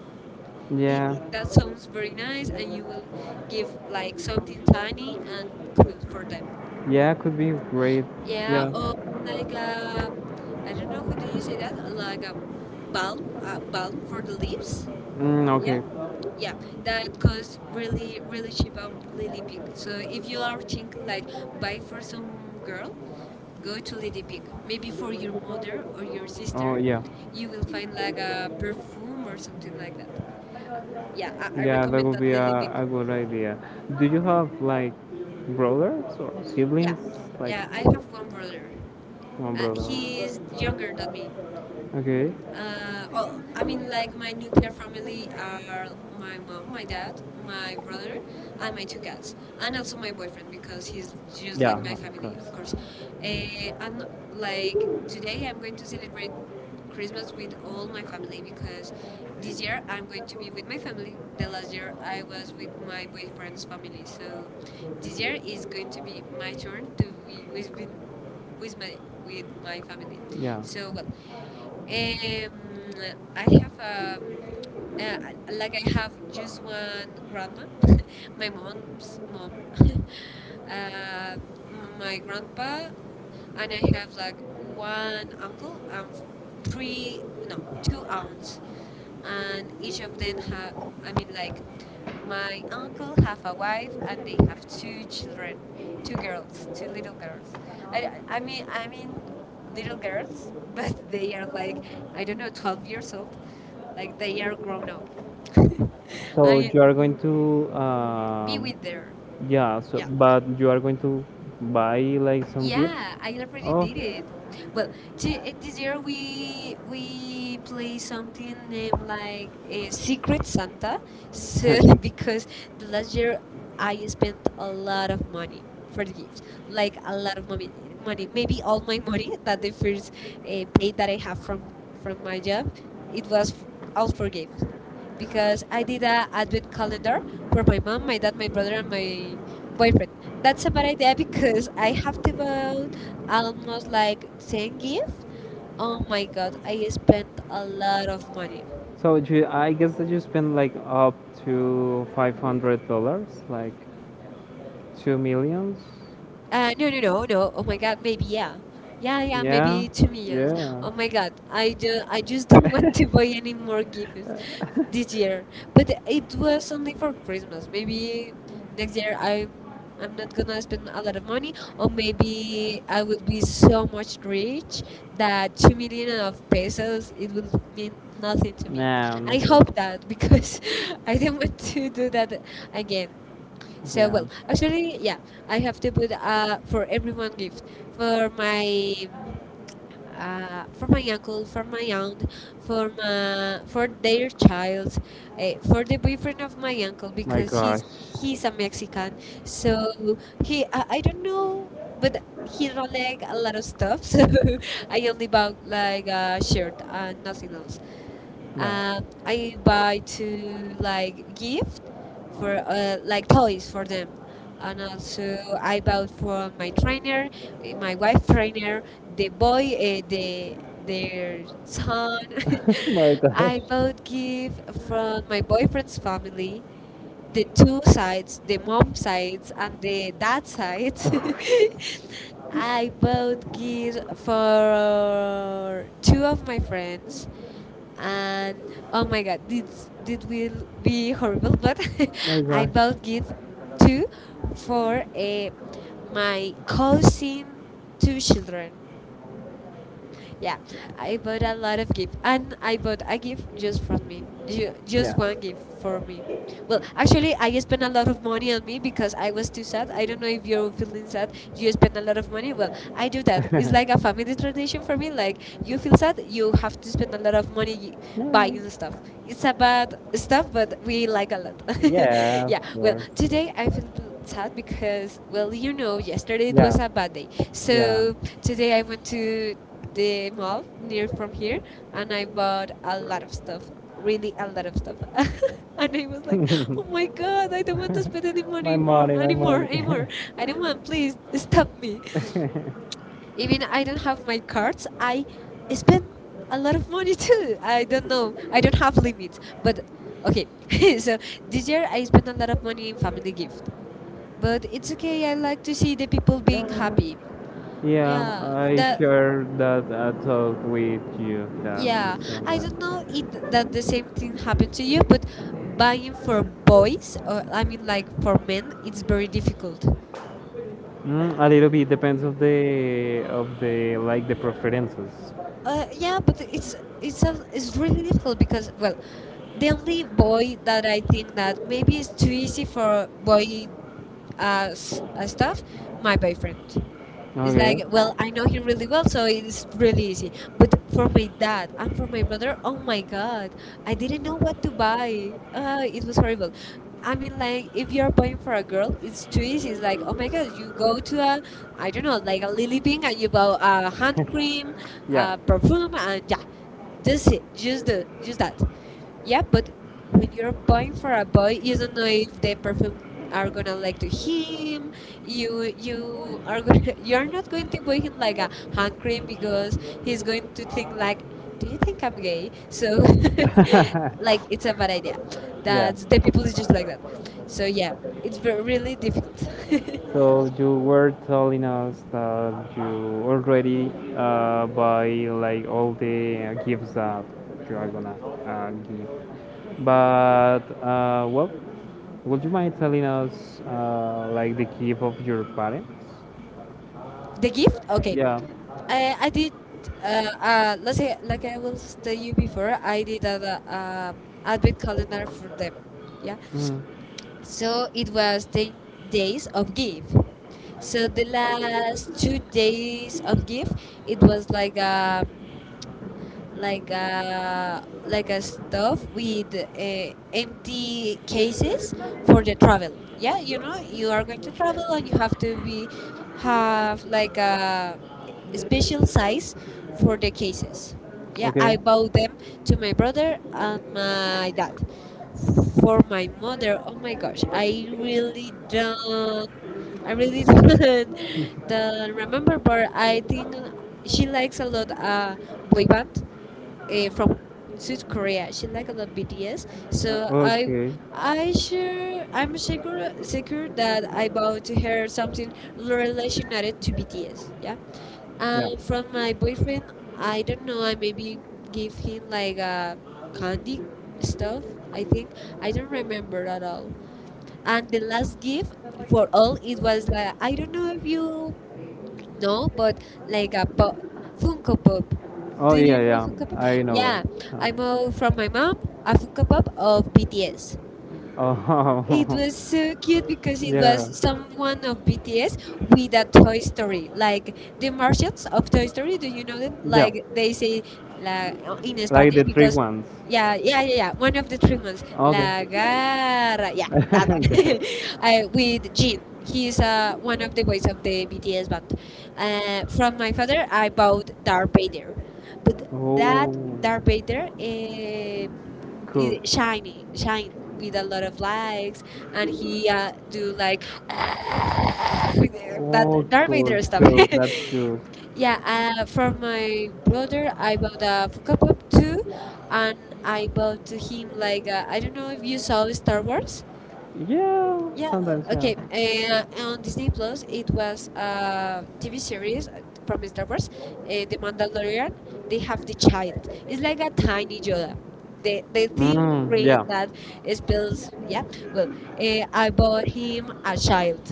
Speaker 2: Yeah.
Speaker 1: That
Speaker 2: That's so
Speaker 1: sounds
Speaker 2: very
Speaker 1: very
Speaker 2: nice.
Speaker 1: nice,
Speaker 2: We
Speaker 1: and you will
Speaker 2: give
Speaker 1: give
Speaker 2: like
Speaker 1: like
Speaker 2: some
Speaker 1: something
Speaker 2: party
Speaker 1: tiny and
Speaker 2: related food
Speaker 1: cool
Speaker 2: for
Speaker 1: for them.
Speaker 2: them. Yeah, could be great. Yeah,
Speaker 1: Yeah,
Speaker 2: yeah. Or we have,
Speaker 1: or like
Speaker 2: we
Speaker 1: I don't know
Speaker 2: can
Speaker 1: how do you say that,
Speaker 2: consider, like,
Speaker 1: like a
Speaker 2: bowl, bowl
Speaker 1: ball for
Speaker 2: for
Speaker 1: the
Speaker 2: the
Speaker 1: lips.
Speaker 2: kids. Yeah, okay,
Speaker 1: Yeah. Yeah,
Speaker 2: yeah, that
Speaker 1: that
Speaker 2: could
Speaker 1: costs
Speaker 2: really,
Speaker 1: really,
Speaker 2: really
Speaker 1: really
Speaker 2: cheap
Speaker 1: cheap
Speaker 2: out
Speaker 1: on Lily Pink.
Speaker 2: you.
Speaker 1: So
Speaker 2: So
Speaker 1: if
Speaker 2: if you
Speaker 1: you
Speaker 2: are
Speaker 1: are thinking
Speaker 2: thinking,
Speaker 1: like
Speaker 2: like,
Speaker 1: buy
Speaker 2: buying for
Speaker 1: for some
Speaker 2: some
Speaker 1: girl,
Speaker 2: girl, go
Speaker 1: go to
Speaker 2: to
Speaker 1: Lily
Speaker 2: Liverpool.
Speaker 1: Pink.
Speaker 2: Maybe
Speaker 1: Maybe for
Speaker 2: for
Speaker 1: your
Speaker 2: your brother
Speaker 1: mother or
Speaker 2: or
Speaker 1: your
Speaker 2: your sister, oh
Speaker 1: sister,
Speaker 2: yeah, you
Speaker 1: you will
Speaker 2: will find
Speaker 1: find
Speaker 2: like a
Speaker 1: like a
Speaker 2: perfume
Speaker 1: perfume
Speaker 2: or
Speaker 1: or something
Speaker 2: something
Speaker 1: like
Speaker 2: like
Speaker 1: that.
Speaker 2: that.
Speaker 1: Yeah, I
Speaker 2: Yeah, that
Speaker 1: recommend
Speaker 2: would
Speaker 1: that
Speaker 2: be
Speaker 1: Lily Pink.
Speaker 2: a good idea. Do you have like brothers or
Speaker 1: Yeah,
Speaker 2: siblings? Like,
Speaker 1: yeah. I have one brother.
Speaker 2: one brother.
Speaker 1: He is younger than me.
Speaker 2: Okay.
Speaker 1: Oh, I
Speaker 2: I
Speaker 1: mean,
Speaker 2: really
Speaker 1: like
Speaker 2: like
Speaker 1: my
Speaker 2: my
Speaker 1: nuclear
Speaker 2: nuclear family,
Speaker 1: family
Speaker 2: uh,
Speaker 1: are my
Speaker 2: my
Speaker 1: mom,
Speaker 2: mom, my
Speaker 1: my dad,
Speaker 2: dad,
Speaker 1: my
Speaker 2: my brother,
Speaker 1: brother,
Speaker 2: and my
Speaker 1: and my two
Speaker 2: two guys.
Speaker 1: cats, and
Speaker 2: And also
Speaker 1: also my
Speaker 2: my
Speaker 1: boyfriend
Speaker 2: boyfriend
Speaker 1: because
Speaker 2: because he.
Speaker 1: he's
Speaker 2: he-
Speaker 1: just
Speaker 2: yeah,
Speaker 1: like
Speaker 2: my
Speaker 1: my
Speaker 2: of family,
Speaker 1: family, of
Speaker 2: course. So,
Speaker 1: course. Uh,
Speaker 2: I'm
Speaker 1: and
Speaker 2: like
Speaker 1: like
Speaker 2: today I'm
Speaker 1: today, I'm going
Speaker 2: going to
Speaker 1: to celebrate
Speaker 2: celebrate
Speaker 1: Christmas
Speaker 2: Christmas
Speaker 1: with
Speaker 2: with all
Speaker 1: all my
Speaker 2: my family
Speaker 1: family because
Speaker 2: because this
Speaker 1: this year
Speaker 2: year I'm
Speaker 1: I'm going to be
Speaker 2: going
Speaker 1: with
Speaker 2: with my
Speaker 1: my
Speaker 2: family.
Speaker 1: family.
Speaker 2: The
Speaker 1: The
Speaker 2: last
Speaker 1: last
Speaker 2: year
Speaker 1: year
Speaker 2: I
Speaker 1: I
Speaker 2: was
Speaker 1: was with
Speaker 2: with my
Speaker 1: my
Speaker 2: friend's
Speaker 1: boyfriend's
Speaker 2: family.
Speaker 1: family,
Speaker 2: So
Speaker 1: so
Speaker 2: this
Speaker 1: this
Speaker 2: year
Speaker 1: year
Speaker 2: it's going
Speaker 1: is
Speaker 2: to
Speaker 1: going to be
Speaker 2: be my
Speaker 1: my
Speaker 2: turn
Speaker 1: turn
Speaker 2: to
Speaker 1: to
Speaker 2: be
Speaker 1: be
Speaker 2: with is
Speaker 1: with
Speaker 2: my
Speaker 1: my with
Speaker 2: with my
Speaker 1: my family.
Speaker 2: home. Yeah. So,
Speaker 1: So well,
Speaker 2: and
Speaker 1: um,
Speaker 2: I
Speaker 1: I have
Speaker 2: um, now, like,
Speaker 1: like
Speaker 2: I
Speaker 1: I
Speaker 2: have
Speaker 1: have
Speaker 2: just
Speaker 1: just one
Speaker 2: one
Speaker 1: grandma,
Speaker 2: problem. My
Speaker 1: my
Speaker 2: mom is
Speaker 1: mom's
Speaker 2: the
Speaker 1: mom,
Speaker 2: mother.
Speaker 1: uh,
Speaker 2: I've my
Speaker 1: my
Speaker 2: grandpa,
Speaker 1: grandpa, and
Speaker 2: and I have
Speaker 1: I have like
Speaker 2: like one
Speaker 1: one
Speaker 2: uncle
Speaker 1: uncle and
Speaker 2: and three,
Speaker 1: three
Speaker 2: no,
Speaker 1: no
Speaker 2: two
Speaker 1: two
Speaker 2: aunts.
Speaker 1: aunts,
Speaker 2: And
Speaker 1: and
Speaker 2: each
Speaker 1: each
Speaker 2: of
Speaker 1: of them
Speaker 2: them
Speaker 1: have
Speaker 2: have, I
Speaker 1: I
Speaker 2: mean,
Speaker 1: mean
Speaker 2: like,
Speaker 1: like
Speaker 2: my
Speaker 1: my uncle
Speaker 2: uncle have
Speaker 1: have
Speaker 2: a
Speaker 1: a
Speaker 2: wife
Speaker 1: wife
Speaker 2: and I
Speaker 1: and they
Speaker 2: have
Speaker 1: have
Speaker 2: two
Speaker 1: two
Speaker 2: children,
Speaker 1: children,
Speaker 2: two
Speaker 1: two
Speaker 2: girls,
Speaker 1: girls,
Speaker 2: two
Speaker 1: two
Speaker 2: little
Speaker 1: little
Speaker 2: girls.
Speaker 1: girls.
Speaker 2: I,
Speaker 1: i, I
Speaker 2: I'm
Speaker 1: mean
Speaker 2: little
Speaker 1: little
Speaker 2: girl,
Speaker 1: girls but
Speaker 2: but
Speaker 1: they
Speaker 2: they
Speaker 1: are
Speaker 2: are like,
Speaker 1: like I
Speaker 2: I
Speaker 1: don't
Speaker 2: don't
Speaker 1: know
Speaker 2: know, 12
Speaker 1: 12
Speaker 2: years
Speaker 1: years old,
Speaker 2: old. Like,
Speaker 1: like
Speaker 2: they
Speaker 1: they
Speaker 2: are
Speaker 1: are grown up.
Speaker 2: grown, so
Speaker 1: I
Speaker 2: you are going to,
Speaker 1: be with there.
Speaker 2: yeah. So but you are going to buy like some gifts.
Speaker 1: Yeah, I
Speaker 2: Yeah.
Speaker 1: already
Speaker 2: Oh,
Speaker 1: did
Speaker 2: you.
Speaker 1: it.
Speaker 2: Well, to,
Speaker 1: Well,
Speaker 2: this
Speaker 1: this year
Speaker 2: we did, we
Speaker 1: we
Speaker 2: played
Speaker 1: we
Speaker 2: named
Speaker 1: play
Speaker 2: like,
Speaker 1: something named like a Secret
Speaker 2: Secret
Speaker 1: Santa,
Speaker 2: Santa.
Speaker 1: so
Speaker 2: okay. Because
Speaker 1: because the last
Speaker 2: last
Speaker 1: year
Speaker 2: year I
Speaker 1: I spent a
Speaker 2: spent a
Speaker 1: lot of
Speaker 2: lot
Speaker 1: money for
Speaker 2: for,
Speaker 1: the gifts,
Speaker 2: like,
Speaker 1: like
Speaker 2: I
Speaker 1: a
Speaker 2: would
Speaker 1: lot
Speaker 2: like
Speaker 1: of money,
Speaker 2: hoodie,
Speaker 1: money,
Speaker 2: hoodie, maybe
Speaker 1: maybe all my
Speaker 2: only
Speaker 1: money
Speaker 2: hoodie, but
Speaker 1: that the
Speaker 2: the first
Speaker 1: first pay
Speaker 2: hoodie
Speaker 1: that
Speaker 2: that
Speaker 1: I
Speaker 2: I
Speaker 1: have
Speaker 2: have from
Speaker 1: from
Speaker 2: from
Speaker 1: from my
Speaker 2: my
Speaker 1: job,
Speaker 2: job, it
Speaker 1: it
Speaker 2: was
Speaker 1: was f- all
Speaker 2: only
Speaker 1: for
Speaker 2: because
Speaker 1: gifts
Speaker 2: I did a
Speaker 1: because
Speaker 2: I
Speaker 1: I did
Speaker 2: did not
Speaker 1: a
Speaker 2: have a
Speaker 1: advent calendar
Speaker 2: holiday for
Speaker 1: for
Speaker 2: my
Speaker 1: my
Speaker 2: mom.
Speaker 1: mom,
Speaker 2: I
Speaker 1: my
Speaker 2: got
Speaker 1: dad,
Speaker 2: the
Speaker 1: my brother,
Speaker 2: children
Speaker 1: and
Speaker 2: hoodie,
Speaker 1: my
Speaker 2: but
Speaker 1: boyfriend.
Speaker 2: that's
Speaker 1: That's a
Speaker 2: a
Speaker 1: bad
Speaker 2: bad
Speaker 1: idea
Speaker 2: idea
Speaker 1: because
Speaker 2: because I
Speaker 1: I
Speaker 2: have
Speaker 1: have
Speaker 2: to
Speaker 1: to
Speaker 2: do
Speaker 1: buy
Speaker 2: that almost
Speaker 1: almost
Speaker 2: like
Speaker 1: like
Speaker 2: ten
Speaker 1: ten
Speaker 2: years.
Speaker 1: gifts.
Speaker 2: Oh
Speaker 1: Oh
Speaker 2: my
Speaker 1: my god,
Speaker 2: god, I
Speaker 1: I
Speaker 2: spent
Speaker 1: spent
Speaker 2: a
Speaker 1: a
Speaker 2: lot of
Speaker 1: lot of
Speaker 2: money.
Speaker 1: money.
Speaker 2: So you, I guess that you spend like up to $500, like, two millions? No,
Speaker 1: No,
Speaker 2: no,
Speaker 1: no,
Speaker 2: no, no.
Speaker 1: no, no. Oh
Speaker 2: Oh my
Speaker 1: my God,
Speaker 2: God, wait,
Speaker 1: maybe
Speaker 2: yeah,
Speaker 1: yeah, yeah,
Speaker 2: yeah,
Speaker 1: yeah, maybe two
Speaker 2: Two
Speaker 1: millions.
Speaker 2: million. Yeah.
Speaker 1: Oh
Speaker 2: Oh
Speaker 1: my
Speaker 2: my God,
Speaker 1: God,
Speaker 2: I do, I
Speaker 1: I just
Speaker 2: just
Speaker 1: don't
Speaker 2: don't
Speaker 1: want
Speaker 2: need
Speaker 1: to
Speaker 2: to buy
Speaker 1: buy any
Speaker 2: any
Speaker 1: more
Speaker 2: more
Speaker 1: gifts
Speaker 2: tickets this
Speaker 1: this
Speaker 2: year.
Speaker 1: year.
Speaker 2: But
Speaker 1: But
Speaker 2: it
Speaker 1: it
Speaker 2: was
Speaker 1: was
Speaker 2: in
Speaker 1: only for
Speaker 2: progress.
Speaker 1: Christmas.
Speaker 2: Maybe
Speaker 1: Maybe next
Speaker 2: next
Speaker 1: year
Speaker 2: year I will
Speaker 1: I'm not
Speaker 2: invest
Speaker 1: gonna
Speaker 2: just
Speaker 1: spend
Speaker 2: a
Speaker 1: a
Speaker 2: lot
Speaker 1: lot of
Speaker 2: of money,
Speaker 1: money,
Speaker 2: or
Speaker 1: or
Speaker 2: maybe
Speaker 1: maybe
Speaker 2: I
Speaker 1: I
Speaker 2: will
Speaker 1: will be
Speaker 2: be so
Speaker 1: so
Speaker 2: much
Speaker 1: much
Speaker 2: rich
Speaker 1: rich
Speaker 2: that
Speaker 1: that two
Speaker 2: 2 million
Speaker 1: million
Speaker 2: of
Speaker 1: of
Speaker 2: pesos
Speaker 1: pesos it will mean
Speaker 2: is
Speaker 1: nothing
Speaker 2: nothing.
Speaker 1: to
Speaker 2: No,
Speaker 1: me.
Speaker 2: I not
Speaker 1: I
Speaker 2: really hope
Speaker 1: hope
Speaker 2: not
Speaker 1: that
Speaker 2: because
Speaker 1: because
Speaker 2: I
Speaker 1: I
Speaker 2: am
Speaker 1: don't
Speaker 2: not
Speaker 1: want to do
Speaker 2: sure that
Speaker 1: that
Speaker 2: again.
Speaker 1: again.
Speaker 2: So
Speaker 1: So
Speaker 2: yeah. So
Speaker 1: well,
Speaker 2: actually,
Speaker 1: actually,
Speaker 2: yeah,
Speaker 1: yeah,
Speaker 2: I
Speaker 1: I
Speaker 2: have
Speaker 1: have
Speaker 2: to
Speaker 1: to
Speaker 2: do
Speaker 1: put
Speaker 2: the, for
Speaker 1: for everyone gift
Speaker 2: everything for
Speaker 1: for
Speaker 2: my
Speaker 1: my
Speaker 2: uh,
Speaker 1: for
Speaker 2: for my
Speaker 1: my
Speaker 2: career,
Speaker 1: uncle, for my aunt,
Speaker 2: for
Speaker 1: for my for
Speaker 2: for their
Speaker 1: their
Speaker 2: class,
Speaker 1: child,
Speaker 2: and for
Speaker 1: for
Speaker 2: the
Speaker 1: the
Speaker 2: people
Speaker 1: boyfriend of
Speaker 2: of my
Speaker 1: my uncle
Speaker 2: age. My and
Speaker 1: because
Speaker 2: gosh.
Speaker 1: he's
Speaker 2: He's
Speaker 1: he's a
Speaker 2: a Mexican.
Speaker 1: Mexican. So
Speaker 2: So he, I
Speaker 1: I don't
Speaker 2: don't know,
Speaker 1: know, but
Speaker 2: but he
Speaker 1: he don't
Speaker 2: like
Speaker 1: like
Speaker 2: a
Speaker 1: a
Speaker 2: lot
Speaker 1: lot of
Speaker 2: of stuff.
Speaker 1: stuff. So
Speaker 2: I
Speaker 1: I
Speaker 2: hope
Speaker 1: only
Speaker 2: about
Speaker 1: bought
Speaker 2: like,
Speaker 1: like a shirt
Speaker 2: shawarma
Speaker 1: and
Speaker 2: and nothing
Speaker 1: nothing else.
Speaker 2: else. Yeah. Are
Speaker 1: I
Speaker 2: back
Speaker 1: buy
Speaker 2: to,
Speaker 1: to
Speaker 2: like,
Speaker 1: like
Speaker 2: give
Speaker 1: gift
Speaker 2: or
Speaker 1: for
Speaker 2: like,
Speaker 1: like
Speaker 2: help
Speaker 1: toys
Speaker 2: for
Speaker 1: for
Speaker 2: the
Speaker 1: them, and
Speaker 2: other
Speaker 1: also
Speaker 2: historical
Speaker 1: I
Speaker 2: items
Speaker 1: bought
Speaker 2: from
Speaker 1: for
Speaker 2: the
Speaker 1: my
Speaker 2: trainer,
Speaker 1: trainer,
Speaker 2: from
Speaker 1: eh,
Speaker 2: my
Speaker 1: my
Speaker 2: last
Speaker 1: wife
Speaker 2: trainer,
Speaker 1: trainer,
Speaker 2: the boy and the
Speaker 1: the
Speaker 2: the
Speaker 1: their son.
Speaker 2: son. My, I gosh.
Speaker 1: I
Speaker 2: Will
Speaker 1: bought
Speaker 2: give
Speaker 1: gift
Speaker 2: to
Speaker 1: from
Speaker 2: my
Speaker 1: my boyfriend's
Speaker 2: boyfriend's family
Speaker 1: family,
Speaker 2: the
Speaker 1: the
Speaker 2: two
Speaker 1: two
Speaker 2: sides,
Speaker 1: sides,
Speaker 2: the
Speaker 1: the
Speaker 2: mom
Speaker 1: mom
Speaker 2: side
Speaker 1: sides and
Speaker 2: and the
Speaker 1: the
Speaker 2: dad
Speaker 1: dad side.
Speaker 2: side. I
Speaker 1: I bought
Speaker 2: will
Speaker 1: gear
Speaker 2: give for
Speaker 1: for two
Speaker 2: two
Speaker 1: of my
Speaker 2: hundred
Speaker 1: friends,
Speaker 2: and,
Speaker 1: and oh
Speaker 2: um,
Speaker 1: my
Speaker 2: this
Speaker 1: god, this will
Speaker 2: this will be
Speaker 1: be horrible, but
Speaker 2: perfect. My
Speaker 1: I
Speaker 2: gosh. About
Speaker 1: bought gift
Speaker 2: this tip
Speaker 1: two
Speaker 2: for
Speaker 1: for
Speaker 2: in my
Speaker 1: my cousin
Speaker 2: constitution.
Speaker 1: two children.
Speaker 2: Yeah,
Speaker 1: Yeah,
Speaker 2: I
Speaker 1: I bought
Speaker 2: got a
Speaker 1: a lot of
Speaker 2: blessing,
Speaker 1: gifts,
Speaker 2: and
Speaker 1: and
Speaker 2: I
Speaker 1: I
Speaker 2: got
Speaker 1: bought
Speaker 2: I
Speaker 1: a gift
Speaker 2: just
Speaker 1: just from me,
Speaker 2: for you. Just,
Speaker 1: Just
Speaker 2: yeah, for
Speaker 1: one gift
Speaker 2: you.
Speaker 1: for me. Well, actually, I spent a lot of money on me because I was too sad. I don't know if you're feeling sad. You spend a lot of money. Well, I do that. It's like a family tradition for me. Like you feel sad, you have to spend a lot of money buying stuff. It's a bad stuff, but we
Speaker 2: Yeah.
Speaker 1: like a lot.
Speaker 2: Yeah, yeah, of
Speaker 1: Yeah.
Speaker 2: of
Speaker 1: Well,
Speaker 2: course.
Speaker 1: today I feel
Speaker 2: Course.
Speaker 1: sad because well, you know, yesterday
Speaker 2: Yeah.
Speaker 1: it was
Speaker 2: Yeah.
Speaker 1: a bad day.
Speaker 2: So yeah.
Speaker 1: So
Speaker 2: Today
Speaker 1: today I
Speaker 2: I was
Speaker 1: went
Speaker 2: here,
Speaker 1: to
Speaker 2: they
Speaker 1: the
Speaker 2: come out
Speaker 1: mall
Speaker 2: here
Speaker 1: near
Speaker 2: from
Speaker 1: from here
Speaker 2: here, and
Speaker 1: and
Speaker 2: I
Speaker 1: I
Speaker 2: involved
Speaker 1: bought a lot
Speaker 2: Algarve
Speaker 1: of
Speaker 2: stuff
Speaker 1: stuff, really
Speaker 2: with
Speaker 1: a lot of stuff. And
Speaker 2: Algarve.
Speaker 1: I was like, "Oh
Speaker 2: Oh my
Speaker 1: my
Speaker 2: God,
Speaker 1: god,
Speaker 2: I
Speaker 1: I
Speaker 2: don't
Speaker 1: don't
Speaker 2: want
Speaker 1: want
Speaker 2: to
Speaker 1: to spend
Speaker 2: spend any
Speaker 1: any
Speaker 2: money. My
Speaker 1: money more
Speaker 2: money, my I money. Money.
Speaker 1: anymore. I don't
Speaker 2: Mama,
Speaker 1: want,
Speaker 2: please,
Speaker 1: please
Speaker 2: stop
Speaker 1: stop me."
Speaker 2: me.
Speaker 1: Even
Speaker 2: Even
Speaker 1: I
Speaker 2: I'm
Speaker 1: don't have
Speaker 2: having my
Speaker 1: my
Speaker 2: cards,
Speaker 1: cards,
Speaker 2: I
Speaker 1: I
Speaker 2: spend
Speaker 1: spend
Speaker 2: a
Speaker 1: a
Speaker 2: lot
Speaker 1: lot of
Speaker 2: of
Speaker 1: money
Speaker 2: money too.
Speaker 1: too.
Speaker 2: I
Speaker 1: I don't
Speaker 2: don't know.
Speaker 1: know.
Speaker 2: I
Speaker 1: I
Speaker 2: don't
Speaker 1: don't
Speaker 2: have
Speaker 1: have
Speaker 2: money.
Speaker 1: limits.
Speaker 2: But,
Speaker 1: But
Speaker 2: okay.
Speaker 1: okay.
Speaker 2: so,
Speaker 1: So
Speaker 2: this
Speaker 1: this year
Speaker 2: year
Speaker 1: I spent
Speaker 2: I
Speaker 1: a lot
Speaker 2: spent a lot of
Speaker 1: of
Speaker 2: money
Speaker 1: money in family
Speaker 2: in
Speaker 1: gift.
Speaker 2: Costa. But
Speaker 1: But it's
Speaker 2: it's okay,
Speaker 1: okay. I
Speaker 2: I
Speaker 1: like
Speaker 2: like
Speaker 1: to
Speaker 2: to
Speaker 1: see
Speaker 2: see
Speaker 1: the people
Speaker 2: it to go to,
Speaker 1: being happy.
Speaker 2: yeah, Costa.
Speaker 1: Yeah,
Speaker 2: Yeah, I
Speaker 1: that
Speaker 2: share that talk with you. Yeah, yeah,
Speaker 1: yeah,
Speaker 2: the same.
Speaker 1: I don't know if
Speaker 2: Yeah, that could
Speaker 1: that the same thing happened to you, but
Speaker 2: happen
Speaker 1: buying for
Speaker 2: for boys,
Speaker 1: boys, or I mean
Speaker 2: and like
Speaker 1: like
Speaker 2: for
Speaker 1: for men,
Speaker 2: men,
Speaker 1: it's
Speaker 2: it's
Speaker 1: very
Speaker 2: very
Speaker 1: difficult.
Speaker 2: difficult. A little bit depends of the like the preferences. Uh, yeah,
Speaker 1: Yeah, but
Speaker 2: it's
Speaker 1: it's
Speaker 2: really
Speaker 1: really
Speaker 2: difficult
Speaker 1: difficult
Speaker 2: because
Speaker 1: because well,
Speaker 2: well,
Speaker 1: the only boy that
Speaker 2: that
Speaker 1: I
Speaker 2: I
Speaker 1: think
Speaker 2: think
Speaker 1: that
Speaker 2: that
Speaker 1: maybe
Speaker 2: maybe
Speaker 1: is
Speaker 2: it's
Speaker 1: too easy
Speaker 2: too for
Speaker 1: for
Speaker 2: boys,
Speaker 1: boy as
Speaker 2: um, as well.
Speaker 1: stuff, my
Speaker 2: My.
Speaker 1: boyfriend.
Speaker 2: Okay.
Speaker 1: It's like,
Speaker 2: And
Speaker 1: well,
Speaker 2: well, I
Speaker 1: I know
Speaker 2: know
Speaker 1: him
Speaker 2: he's really
Speaker 1: really well,
Speaker 2: good, so it's
Speaker 1: so it's
Speaker 2: really
Speaker 1: really easy.
Speaker 2: easy. But
Speaker 1: But for
Speaker 2: from the
Speaker 1: my
Speaker 2: dad
Speaker 1: dad
Speaker 2: to
Speaker 1: and for
Speaker 2: the
Speaker 1: my
Speaker 2: other,
Speaker 1: brother, oh
Speaker 2: oh my
Speaker 1: my
Speaker 2: god,
Speaker 1: god, I
Speaker 2: I didn't
Speaker 1: didn't know
Speaker 2: know what
Speaker 1: what
Speaker 2: to
Speaker 1: to
Speaker 2: buy.
Speaker 1: buy.
Speaker 2: It
Speaker 1: It was
Speaker 2: was like,
Speaker 1: horrible. I
Speaker 2: and
Speaker 1: mean,
Speaker 2: it's like,
Speaker 1: like, if
Speaker 2: it's not
Speaker 1: you're buying
Speaker 2: really
Speaker 1: for a
Speaker 2: practical.
Speaker 1: girl,
Speaker 2: It's
Speaker 1: it's too easy.
Speaker 2: crazy.
Speaker 1: It's like,
Speaker 2: Like,
Speaker 1: oh my god,
Speaker 2: you
Speaker 1: you
Speaker 2: go
Speaker 1: go to
Speaker 2: to a,
Speaker 1: a,
Speaker 2: I
Speaker 1: I don't
Speaker 2: don't
Speaker 1: know,
Speaker 2: know, like
Speaker 1: like a
Speaker 2: a
Speaker 1: Lily
Speaker 2: living
Speaker 1: Pink and
Speaker 2: and
Speaker 1: you
Speaker 2: you buy
Speaker 1: buy
Speaker 2: a
Speaker 1: a hand
Speaker 2: perfume.
Speaker 1: cream,
Speaker 2: Yeah,
Speaker 1: a
Speaker 2: a perfume,
Speaker 1: perfume,
Speaker 2: and
Speaker 1: and yeah,
Speaker 2: yeah,
Speaker 1: that's it.
Speaker 2: this,
Speaker 1: Just
Speaker 2: that.
Speaker 1: that. Yeah,
Speaker 2: Yep.
Speaker 1: but when
Speaker 2: You're
Speaker 1: you're buying
Speaker 2: going
Speaker 1: for
Speaker 2: for a
Speaker 1: a boy,
Speaker 2: break
Speaker 1: you
Speaker 2: with the
Speaker 1: don't know
Speaker 2: next,
Speaker 1: if the perfume
Speaker 2: and
Speaker 1: are gonna like to him.
Speaker 2: you
Speaker 1: You you
Speaker 2: you're
Speaker 1: are not going
Speaker 2: going
Speaker 1: to
Speaker 2: to
Speaker 1: buy
Speaker 2: drink
Speaker 1: him
Speaker 2: like
Speaker 1: like
Speaker 2: a
Speaker 1: a hand cream
Speaker 2: coffee, so
Speaker 1: because he's
Speaker 2: you
Speaker 1: going to think
Speaker 2: don't like
Speaker 1: like, do you
Speaker 2: sleepy
Speaker 1: think I'm
Speaker 2: from.
Speaker 1: gay? So
Speaker 2: So, like, it's a
Speaker 1: like it's a
Speaker 2: bad
Speaker 1: bad idea.
Speaker 2: idea. Yeah, that, yeah,
Speaker 1: That
Speaker 2: the
Speaker 1: the
Speaker 2: people like,
Speaker 1: people is just
Speaker 2: so yeah,
Speaker 1: like that. So yeah,
Speaker 2: it's a
Speaker 1: really difficult.
Speaker 2: real. So you were telling us that you already buy like all the gifts that you are gonna give, but well, would you mind telling us, like the gift of your parents? The
Speaker 1: The
Speaker 2: key.
Speaker 1: gift? Okay.
Speaker 2: Yeah. آه، عندي آه، لازم
Speaker 1: I did,
Speaker 2: أنا
Speaker 1: let's
Speaker 2: أكون
Speaker 1: say, like I will tell
Speaker 2: شخصية
Speaker 1: you
Speaker 2: مشهورة
Speaker 1: before, I
Speaker 2: وهي
Speaker 1: did
Speaker 2: كده
Speaker 1: an
Speaker 2: أقدر
Speaker 1: advent calendar for
Speaker 2: أقولها
Speaker 1: them.
Speaker 2: لك.
Speaker 1: Yeah.
Speaker 2: Mm. So
Speaker 1: So it
Speaker 2: it was
Speaker 1: was 10
Speaker 2: 8 days
Speaker 1: days
Speaker 2: of
Speaker 1: of
Speaker 2: this.
Speaker 1: gift.
Speaker 2: So
Speaker 1: So the
Speaker 2: when I
Speaker 1: last
Speaker 2: two
Speaker 1: two
Speaker 2: days of
Speaker 1: days
Speaker 2: this,
Speaker 1: of gift,
Speaker 2: it
Speaker 1: it
Speaker 2: was
Speaker 1: was
Speaker 2: like, like
Speaker 1: like
Speaker 2: that, like
Speaker 1: a
Speaker 2: this, no?
Speaker 1: stuff with
Speaker 2: In
Speaker 1: empty
Speaker 2: the basement
Speaker 1: cases for
Speaker 2: for
Speaker 1: the
Speaker 2: club.
Speaker 1: travel. Yeah,
Speaker 2: Yeah, you
Speaker 1: you know,
Speaker 2: know,
Speaker 1: you
Speaker 2: you
Speaker 1: are
Speaker 2: are
Speaker 1: going to travel
Speaker 2: professional,
Speaker 1: and
Speaker 2: you
Speaker 1: you have
Speaker 2: have to
Speaker 1: to be
Speaker 2: have
Speaker 1: have
Speaker 2: like
Speaker 1: like
Speaker 2: a
Speaker 1: a
Speaker 2: special
Speaker 1: special
Speaker 2: size
Speaker 1: size
Speaker 2: for
Speaker 1: for
Speaker 2: the
Speaker 1: the
Speaker 2: kids.
Speaker 1: cases.
Speaker 2: Yeah, I,
Speaker 1: Yeah,
Speaker 2: okay,
Speaker 1: I bought
Speaker 2: bought them
Speaker 1: them
Speaker 2: to
Speaker 1: to
Speaker 2: my
Speaker 1: my
Speaker 2: brother
Speaker 1: brother and
Speaker 2: and
Speaker 1: my
Speaker 2: my
Speaker 1: dad.
Speaker 2: for
Speaker 1: For
Speaker 2: my
Speaker 1: my
Speaker 2: mother,
Speaker 1: mother, oh my gosh,
Speaker 2: because I really just got everything.
Speaker 1: I really
Speaker 2: And I
Speaker 1: don't
Speaker 2: remember
Speaker 1: remember,
Speaker 2: that
Speaker 1: but I think
Speaker 2: I, she
Speaker 1: she
Speaker 2: likes
Speaker 1: likes
Speaker 2: a
Speaker 1: a lot
Speaker 2: lot of boy
Speaker 1: boy
Speaker 2: bands
Speaker 1: band
Speaker 2: from
Speaker 1: from
Speaker 2: South
Speaker 1: South
Speaker 2: Korea.
Speaker 1: Korea.
Speaker 2: She likes a
Speaker 1: She
Speaker 2: lot
Speaker 1: like a
Speaker 2: of
Speaker 1: lot
Speaker 2: BTS.
Speaker 1: BTS.
Speaker 2: So I,
Speaker 1: So
Speaker 2: okay, I
Speaker 1: I
Speaker 2: should,
Speaker 1: sure
Speaker 2: I'm
Speaker 1: I'm secure
Speaker 2: sure,
Speaker 1: secure
Speaker 2: secret that I
Speaker 1: that I
Speaker 2: got
Speaker 1: bought
Speaker 2: to
Speaker 1: to
Speaker 2: her
Speaker 1: her
Speaker 2: from
Speaker 1: something
Speaker 2: the, that she married.
Speaker 1: related to BTS. Yeah.
Speaker 2: Yeah.
Speaker 1: And
Speaker 2: From
Speaker 1: from my
Speaker 2: like,
Speaker 1: boyfriend,
Speaker 2: I
Speaker 1: I
Speaker 2: don't
Speaker 1: don't
Speaker 2: know,
Speaker 1: know.
Speaker 2: I
Speaker 1: I
Speaker 2: mean,
Speaker 1: maybe give
Speaker 2: people
Speaker 1: him like
Speaker 2: like,
Speaker 1: a
Speaker 2: blood
Speaker 1: candy
Speaker 2: stuff.
Speaker 1: stuff.
Speaker 2: I
Speaker 1: I
Speaker 2: do
Speaker 1: think
Speaker 2: I
Speaker 1: I
Speaker 2: don't
Speaker 1: don't remember
Speaker 2: remember.
Speaker 1: at all.
Speaker 2: And
Speaker 1: And the
Speaker 2: the last
Speaker 1: last
Speaker 2: gift
Speaker 1: gift
Speaker 2: for
Speaker 1: for
Speaker 2: us
Speaker 1: all
Speaker 2: it
Speaker 1: it
Speaker 2: was,
Speaker 1: was like
Speaker 2: I
Speaker 1: I don't
Speaker 2: don't know
Speaker 1: know if
Speaker 2: if you
Speaker 1: you
Speaker 2: know,
Speaker 1: no,
Speaker 2: but
Speaker 1: but like
Speaker 2: like a
Speaker 1: a pop,
Speaker 2: a Funko
Speaker 1: Funko Pop.
Speaker 2: Pop. Oh
Speaker 1: Do
Speaker 2: yeah,
Speaker 1: you know
Speaker 2: yeah,
Speaker 1: Funko Pop?
Speaker 2: I know Yeah, it.
Speaker 1: Yeah,
Speaker 2: Huh. I
Speaker 1: I
Speaker 2: remember
Speaker 1: bought from
Speaker 2: from the
Speaker 1: my mom
Speaker 2: mom a
Speaker 1: a Funko
Speaker 2: cup
Speaker 1: Pop
Speaker 2: of
Speaker 1: of
Speaker 2: BTS.
Speaker 1: BTS.
Speaker 2: If, oh,
Speaker 1: It was
Speaker 2: because the
Speaker 1: so
Speaker 2: kid
Speaker 1: cute
Speaker 2: is
Speaker 1: because
Speaker 2: like,
Speaker 1: it
Speaker 2: yeah,
Speaker 1: was
Speaker 2: someone
Speaker 1: someone
Speaker 2: of
Speaker 1: of BTS
Speaker 2: the, see
Speaker 1: with a
Speaker 2: that's what's
Speaker 1: Toy Story,
Speaker 2: showing. Like
Speaker 1: like
Speaker 2: the
Speaker 1: the
Speaker 2: margin
Speaker 1: Martians
Speaker 2: of
Speaker 1: of Toy
Speaker 2: the
Speaker 1: Story.
Speaker 2: screen,
Speaker 1: Do you know them?
Speaker 2: do, yeah,
Speaker 1: Like
Speaker 2: like placed
Speaker 1: they say
Speaker 2: like
Speaker 1: la,
Speaker 2: in
Speaker 1: in
Speaker 2: the, like the
Speaker 1: Spanish
Speaker 2: center, three center
Speaker 1: because,
Speaker 2: ones. Yeah,
Speaker 1: yeah,
Speaker 2: yeah,
Speaker 1: yeah, yeah, yeah.
Speaker 2: yeah.
Speaker 1: One
Speaker 2: One of
Speaker 1: of the three ones,
Speaker 2: the
Speaker 1: la garra, yeah,
Speaker 2: police. Okay.
Speaker 1: that one.
Speaker 2: Like, yeah, I,
Speaker 1: Uh,
Speaker 2: he's
Speaker 1: with Jin,
Speaker 2: Jim. He
Speaker 1: he
Speaker 2: is,
Speaker 1: is
Speaker 2: one
Speaker 1: one
Speaker 2: of
Speaker 1: of
Speaker 2: the
Speaker 1: the
Speaker 2: police
Speaker 1: boys
Speaker 2: of
Speaker 1: of
Speaker 2: the
Speaker 1: the BTS
Speaker 2: DL.
Speaker 1: band.
Speaker 2: And
Speaker 1: From
Speaker 2: from my
Speaker 1: my
Speaker 2: father,
Speaker 1: father,
Speaker 2: I
Speaker 1: I bought
Speaker 2: got Darth
Speaker 1: Darth
Speaker 2: Vader.
Speaker 1: Vader. But
Speaker 2: Because that,
Speaker 1: that
Speaker 2: oh, Darth
Speaker 1: Darth Vader
Speaker 2: Vader is, cool,
Speaker 1: is
Speaker 2: shine, shine
Speaker 1: shine
Speaker 2: to
Speaker 1: with a lot
Speaker 2: the
Speaker 1: of
Speaker 2: black,
Speaker 1: likes, and
Speaker 2: and we
Speaker 1: he
Speaker 2: got
Speaker 1: do
Speaker 2: like
Speaker 1: like with
Speaker 2: that, oh,
Speaker 1: that
Speaker 2: that
Speaker 1: Darth
Speaker 2: cool,
Speaker 1: Vader
Speaker 2: is
Speaker 1: stuff.
Speaker 2: cool. That's cool. Yeah,
Speaker 1: Yeah,
Speaker 2: and from my
Speaker 1: for
Speaker 2: brother,
Speaker 1: my brother,
Speaker 2: I
Speaker 1: I bought
Speaker 2: got
Speaker 1: a
Speaker 2: a
Speaker 1: Funko
Speaker 2: couple
Speaker 1: Pop
Speaker 2: too,
Speaker 1: too,
Speaker 2: and
Speaker 1: and
Speaker 2: I
Speaker 1: I
Speaker 2: got
Speaker 1: bought to
Speaker 2: to
Speaker 1: him
Speaker 2: eat like,
Speaker 1: like I
Speaker 2: I
Speaker 1: don't
Speaker 2: don't
Speaker 1: know if
Speaker 2: know if
Speaker 1: you
Speaker 2: you
Speaker 1: saw
Speaker 2: saw
Speaker 1: Star
Speaker 2: Star Wars.
Speaker 1: Wars.
Speaker 2: Yeah, yeah,
Speaker 1: Yeah,
Speaker 2: sometimes, yeah.
Speaker 1: okay.
Speaker 2: Okay, I got not
Speaker 1: On Disney
Speaker 2: sequels.
Speaker 1: Plus,
Speaker 2: It
Speaker 1: it
Speaker 2: was
Speaker 1: was a
Speaker 2: a
Speaker 1: TV
Speaker 2: TV series
Speaker 1: series
Speaker 2: from
Speaker 1: from
Speaker 2: the
Speaker 1: Star
Speaker 2: Star Wars.
Speaker 1: Wars,
Speaker 2: And
Speaker 1: The
Speaker 2: Mandalorian,
Speaker 1: Mandalorian. They
Speaker 2: they have
Speaker 1: have the
Speaker 2: a chapter.
Speaker 1: child. It's
Speaker 2: It's
Speaker 1: like
Speaker 2: like
Speaker 1: a
Speaker 2: a
Speaker 1: tiny
Speaker 2: character.
Speaker 1: Yoda.
Speaker 2: They
Speaker 1: The
Speaker 2: they
Speaker 1: the thing
Speaker 2: Create,
Speaker 1: rain
Speaker 2: yeah, that
Speaker 1: that
Speaker 2: story. Yeah, and I
Speaker 1: spells yeah.
Speaker 2: got
Speaker 1: Well,
Speaker 2: him them
Speaker 1: I bought him
Speaker 2: a
Speaker 1: a
Speaker 2: chapter.
Speaker 1: child.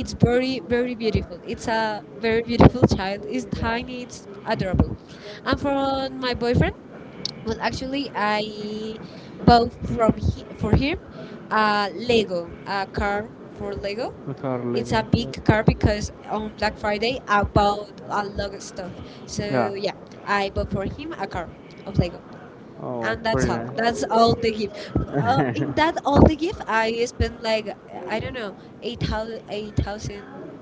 Speaker 2: It's very,
Speaker 1: very
Speaker 2: very
Speaker 1: very
Speaker 2: beautiful.
Speaker 1: beautiful.
Speaker 2: It's
Speaker 1: It's a
Speaker 2: a
Speaker 1: very
Speaker 2: very good.
Speaker 1: beautiful child. It's
Speaker 2: It's
Speaker 1: tiny.
Speaker 2: funny.
Speaker 1: It's adorable.
Speaker 2: I'm
Speaker 1: And from
Speaker 2: from
Speaker 1: my
Speaker 2: my
Speaker 1: boyfriend,
Speaker 2: border.
Speaker 1: well,
Speaker 2: Actually,
Speaker 1: actually,
Speaker 2: I'm
Speaker 1: I
Speaker 2: both
Speaker 1: bought from
Speaker 2: from
Speaker 1: he, for him
Speaker 2: California,
Speaker 1: a
Speaker 2: um, Lego.
Speaker 1: Lego, a
Speaker 2: From
Speaker 1: car for Lego.
Speaker 2: Lego. A car. It's
Speaker 1: It's
Speaker 2: Lego.
Speaker 1: a
Speaker 2: A Yeah.
Speaker 1: big car
Speaker 2: car
Speaker 1: because
Speaker 2: because on
Speaker 1: on
Speaker 2: that
Speaker 1: Black
Speaker 2: Friday
Speaker 1: Friday
Speaker 2: I
Speaker 1: I
Speaker 2: bought
Speaker 1: bought
Speaker 2: a
Speaker 1: a
Speaker 2: lot of
Speaker 1: lot of stuff.
Speaker 2: stuff. So, Yeah. yeah,
Speaker 1: So yeah,
Speaker 2: I got
Speaker 1: I bought for him
Speaker 2: something.
Speaker 1: a
Speaker 2: I got
Speaker 1: car of
Speaker 2: Lego.
Speaker 1: Lego,
Speaker 2: Oh, and
Speaker 1: and
Speaker 2: that's
Speaker 1: that's
Speaker 2: pretty
Speaker 1: all.
Speaker 2: nice. That's
Speaker 1: That's
Speaker 2: all
Speaker 1: all
Speaker 2: we
Speaker 1: the
Speaker 2: do.
Speaker 1: gift.
Speaker 2: Well, is
Speaker 1: In
Speaker 2: that
Speaker 1: that
Speaker 2: all we
Speaker 1: all the
Speaker 2: do?
Speaker 1: gift,
Speaker 2: I do
Speaker 1: I
Speaker 2: you spend
Speaker 1: spent
Speaker 2: like
Speaker 1: like I
Speaker 2: I
Speaker 1: don't
Speaker 2: don't know,
Speaker 1: know
Speaker 2: eight thousand,
Speaker 1: eight
Speaker 2: eight
Speaker 1: thousand
Speaker 2: thousand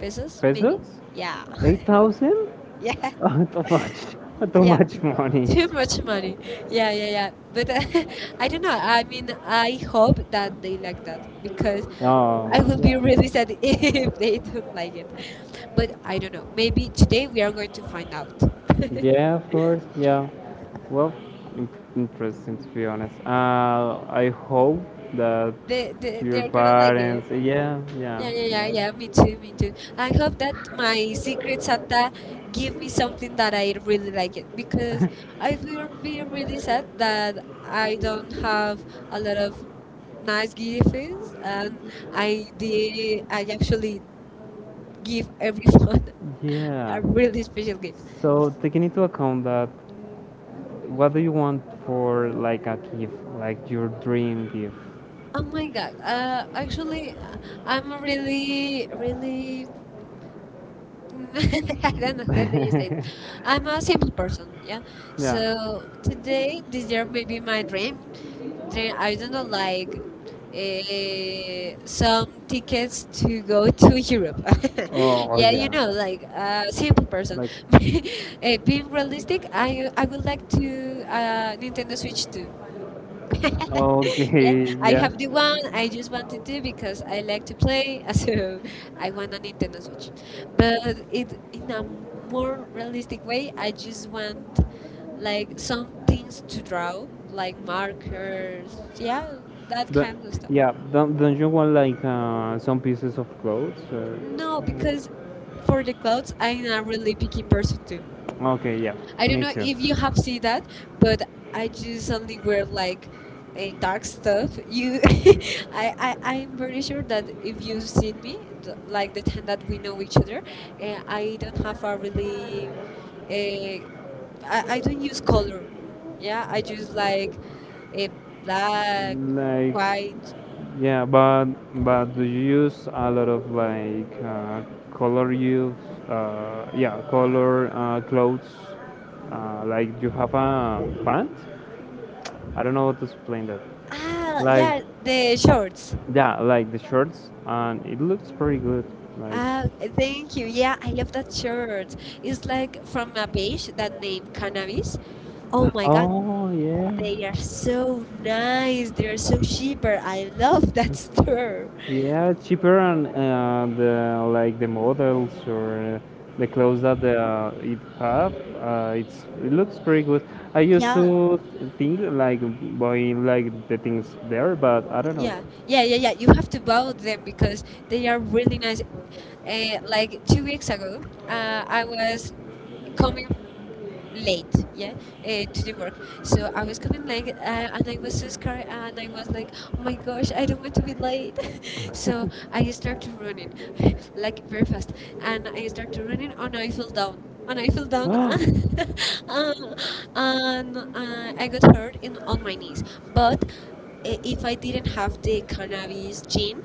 Speaker 1: pesos
Speaker 2: pesos.
Speaker 1: maybe.
Speaker 2: Pesos? Yeah,
Speaker 1: Yeah,
Speaker 2: 8,000? Yeah,
Speaker 1: yeah,
Speaker 2: oh, too much. Too
Speaker 1: yeah.
Speaker 2: much money.
Speaker 1: Too
Speaker 2: Too much
Speaker 1: much
Speaker 2: money.
Speaker 1: money.
Speaker 2: Yeah,
Speaker 1: Yeah,
Speaker 2: yeah.
Speaker 1: yeah, yeah. But
Speaker 2: But
Speaker 1: I
Speaker 2: I
Speaker 1: don't
Speaker 2: don't
Speaker 1: know.
Speaker 2: know. I
Speaker 1: I mean,
Speaker 2: mean, I
Speaker 1: I
Speaker 2: hope
Speaker 1: hope
Speaker 2: that
Speaker 1: that
Speaker 2: we
Speaker 1: they like
Speaker 2: like
Speaker 1: that
Speaker 2: that because
Speaker 1: because
Speaker 2: I Oh,
Speaker 1: I
Speaker 2: would
Speaker 1: will
Speaker 2: be
Speaker 1: be
Speaker 2: yeah.
Speaker 1: really
Speaker 2: really sad
Speaker 1: sad
Speaker 2: if
Speaker 1: if they don't
Speaker 2: like
Speaker 1: like it. But
Speaker 2: well, I
Speaker 1: I don't
Speaker 2: don't know.
Speaker 1: know.
Speaker 2: Maybe
Speaker 1: Maybe
Speaker 2: today
Speaker 1: today we
Speaker 2: we
Speaker 1: are
Speaker 2: are
Speaker 1: going to find out.
Speaker 2: yeah, of course. Yeah. Well, in- interesting to be honest. I hope that your
Speaker 1: They're gonna like it.
Speaker 2: parents. Yeah,
Speaker 1: Yeah, yeah, yeah, yeah. Me too, me too. I hope that my Secret Santa give me something that I really like it because I will be really sad that I don't have a lot of nice gifts and I
Speaker 2: yeah.
Speaker 1: actually
Speaker 2: Give
Speaker 1: give
Speaker 2: everything.
Speaker 1: everyone
Speaker 2: I Yeah.
Speaker 1: a
Speaker 2: I
Speaker 1: really
Speaker 2: really
Speaker 1: special
Speaker 2: believe it.
Speaker 1: gift.
Speaker 2: So taking into account that, what do you want for like a gift, like your dream gift? Oh
Speaker 1: Oh my
Speaker 2: my
Speaker 1: god!
Speaker 2: god,
Speaker 1: Actually, I'm
Speaker 2: I'm
Speaker 1: really,
Speaker 2: really,
Speaker 1: really. I don't
Speaker 2: really.
Speaker 1: know how do you say it. I'm
Speaker 2: I'm
Speaker 1: a
Speaker 2: a single
Speaker 1: simple
Speaker 2: person.
Speaker 1: person, yeah.
Speaker 2: Yeah? Yeah.
Speaker 1: So
Speaker 2: Like, today,
Speaker 1: today,
Speaker 2: the
Speaker 1: this year,
Speaker 2: year
Speaker 1: maybe
Speaker 2: before my
Speaker 1: my dream,
Speaker 2: gift, today
Speaker 1: dream
Speaker 2: I
Speaker 1: I don't know,
Speaker 2: really like
Speaker 1: like
Speaker 2: some
Speaker 1: some
Speaker 2: tickets
Speaker 1: tickets
Speaker 2: will
Speaker 1: to
Speaker 2: go
Speaker 1: go
Speaker 2: to
Speaker 1: to Europe.
Speaker 2: Europe. Oh, I
Speaker 1: Yeah,
Speaker 2: yeah.
Speaker 1: you
Speaker 2: do like
Speaker 1: know, like a simple
Speaker 2: zero. It's
Speaker 1: person.
Speaker 2: like,
Speaker 1: Eh,
Speaker 2: We
Speaker 1: being
Speaker 2: realistic,
Speaker 1: realistic,
Speaker 2: I
Speaker 1: I would
Speaker 2: would
Speaker 1: like
Speaker 2: like
Speaker 1: to
Speaker 2: to uh, bring the
Speaker 1: Nintendo
Speaker 2: message
Speaker 1: Switch 2.
Speaker 2: to Ecuador.
Speaker 1: Yeah,
Speaker 2: Okay, I
Speaker 1: I
Speaker 2: yeah.
Speaker 1: have
Speaker 2: have
Speaker 1: the
Speaker 2: the
Speaker 1: one.
Speaker 2: one I
Speaker 1: I
Speaker 2: just
Speaker 1: just
Speaker 2: have to
Speaker 1: wanted
Speaker 2: do
Speaker 1: to
Speaker 2: because
Speaker 1: because
Speaker 2: I
Speaker 1: I
Speaker 2: like
Speaker 1: like
Speaker 2: to
Speaker 1: to
Speaker 2: play,
Speaker 1: play,
Speaker 2: so
Speaker 1: so
Speaker 2: I
Speaker 1: I
Speaker 2: want
Speaker 1: want
Speaker 2: to
Speaker 1: a
Speaker 2: make the
Speaker 1: Nintendo Switch.
Speaker 2: message. But
Speaker 1: But
Speaker 2: if,
Speaker 1: it
Speaker 2: you
Speaker 1: in a
Speaker 2: know, more
Speaker 1: more
Speaker 2: realistic
Speaker 1: realistic
Speaker 2: way,
Speaker 1: way,
Speaker 2: I
Speaker 1: I
Speaker 2: just
Speaker 1: just
Speaker 2: want
Speaker 1: want
Speaker 2: like
Speaker 1: like
Speaker 2: some
Speaker 1: some things to
Speaker 2: things drop
Speaker 1: draw, like
Speaker 2: like hard
Speaker 1: markers,
Speaker 2: yeah
Speaker 1: yeah, that
Speaker 2: that
Speaker 1: kind
Speaker 2: kind of
Speaker 1: of stuff.
Speaker 2: yeah, don't you want like some pieces of clothes? Or, no
Speaker 1: No,
Speaker 2: because
Speaker 1: because for
Speaker 2: for the
Speaker 1: the
Speaker 2: clothes
Speaker 1: clothes, I'm
Speaker 2: I'm
Speaker 1: a
Speaker 2: not really
Speaker 1: really picky
Speaker 2: curious
Speaker 1: person too.
Speaker 2: person. Okay, yeah, I
Speaker 1: I don't
Speaker 2: me don't me
Speaker 1: know
Speaker 2: know too.
Speaker 1: if
Speaker 2: If
Speaker 1: you
Speaker 2: you
Speaker 1: have
Speaker 2: have seen
Speaker 1: seen
Speaker 2: that,
Speaker 1: that,
Speaker 2: but
Speaker 1: but
Speaker 2: I
Speaker 1: I just only
Speaker 2: usually wear
Speaker 1: wear
Speaker 2: like
Speaker 1: like a
Speaker 2: a dark
Speaker 1: dark
Speaker 2: stuff.
Speaker 1: stuff. You,
Speaker 2: Usually, I
Speaker 1: I'm
Speaker 2: I'm really
Speaker 1: pretty sure
Speaker 2: sure that
Speaker 1: that
Speaker 2: if
Speaker 1: if
Speaker 2: you've
Speaker 1: you've seen
Speaker 2: seen
Speaker 1: me,
Speaker 2: it, like
Speaker 1: like the time
Speaker 2: that
Speaker 1: that
Speaker 2: we
Speaker 1: we
Speaker 2: know
Speaker 1: know
Speaker 2: each
Speaker 1: each
Speaker 2: other,
Speaker 1: other,
Speaker 2: and I
Speaker 1: I don't have a
Speaker 2: I'm not
Speaker 1: really,
Speaker 2: very
Speaker 1: uh,
Speaker 2: good
Speaker 1: I don't use color. Yeah, I
Speaker 2: yeah,
Speaker 1: just
Speaker 2: like
Speaker 1: like a black,
Speaker 2: Like,
Speaker 1: white.
Speaker 2: yeah, but do you use a lot of like color use? Yeah, color clothes. Like, you have a pant? I don't know how to explain that. Ah,
Speaker 1: Ah,
Speaker 2: Like
Speaker 1: yeah, the
Speaker 2: like the shop.
Speaker 1: shorts.
Speaker 2: Yeah, like the shirts, and it looks pretty good. Like ah,
Speaker 1: Ah,
Speaker 2: thank
Speaker 1: thank you.
Speaker 2: you.
Speaker 1: Yeah,
Speaker 2: Yeah,
Speaker 1: I
Speaker 2: the
Speaker 1: love that
Speaker 2: culture
Speaker 1: shirt.
Speaker 2: is
Speaker 1: It's
Speaker 2: like
Speaker 1: like from
Speaker 2: from the
Speaker 1: a
Speaker 2: way
Speaker 1: page
Speaker 2: that
Speaker 1: that
Speaker 2: they
Speaker 1: name
Speaker 2: cannabis.
Speaker 1: Cannabis.
Speaker 2: Oh
Speaker 1: Oh
Speaker 2: my God,
Speaker 1: my God,
Speaker 2: oh yeah, they
Speaker 1: they
Speaker 2: are
Speaker 1: are
Speaker 2: so
Speaker 1: so
Speaker 2: nice.
Speaker 1: nice. They are
Speaker 2: They're
Speaker 1: so
Speaker 2: so cheaper.
Speaker 1: cheaper. I
Speaker 2: I love
Speaker 1: love that store.
Speaker 2: that. Yeah, it's cheaper and the like the models or the clothes that they, it have, it looks pretty good. I used Yeah.
Speaker 1: Yeah,
Speaker 2: to think like buying like the things there, but I don't know.
Speaker 1: yeah, yeah,
Speaker 2: Yeah,
Speaker 1: yeah, yeah.
Speaker 2: yeah,
Speaker 1: You have to
Speaker 2: have
Speaker 1: buy
Speaker 2: to go there
Speaker 1: them because
Speaker 2: they
Speaker 1: they are
Speaker 2: are really
Speaker 1: really
Speaker 2: nice
Speaker 1: nice.
Speaker 2: clothes. Like
Speaker 1: Like
Speaker 2: two
Speaker 1: two
Speaker 2: weeks
Speaker 1: weeks ago,
Speaker 2: I
Speaker 1: I was
Speaker 2: was
Speaker 1: coming.
Speaker 2: late.
Speaker 1: Late yeah
Speaker 2: Eh,
Speaker 1: to the work
Speaker 2: diba?
Speaker 1: so I was
Speaker 2: So,
Speaker 1: coming late
Speaker 2: ah,
Speaker 1: and
Speaker 2: okay,
Speaker 1: I was so
Speaker 2: Mr. Fry,
Speaker 1: scared
Speaker 2: ah,
Speaker 1: and
Speaker 2: like, my
Speaker 1: I was
Speaker 2: gosh,
Speaker 1: like oh my gosh
Speaker 2: I
Speaker 1: I
Speaker 2: was
Speaker 1: don't want
Speaker 2: so
Speaker 1: to be late.
Speaker 2: excited.
Speaker 1: So
Speaker 2: So, I
Speaker 1: I
Speaker 2: started
Speaker 1: started running
Speaker 2: running,
Speaker 1: like
Speaker 2: like,
Speaker 1: very
Speaker 2: perfect.
Speaker 1: fast
Speaker 2: And
Speaker 1: and
Speaker 2: we
Speaker 1: I
Speaker 2: started
Speaker 1: started running
Speaker 2: running on
Speaker 1: and I
Speaker 2: Eiffel
Speaker 1: fell
Speaker 2: Down.
Speaker 1: down
Speaker 2: On
Speaker 1: and I
Speaker 2: Eiffel
Speaker 1: fell
Speaker 2: Down,
Speaker 1: down. uh,
Speaker 2: um,
Speaker 1: and
Speaker 2: I
Speaker 1: I got
Speaker 2: got hurt
Speaker 1: hurt in
Speaker 2: in my
Speaker 1: on my
Speaker 2: legs.
Speaker 1: knees
Speaker 2: But,
Speaker 1: but if
Speaker 2: if I
Speaker 1: I didn't
Speaker 2: didn't have
Speaker 1: have
Speaker 2: the
Speaker 1: the cannabis
Speaker 2: Panacolo's gym,
Speaker 1: gene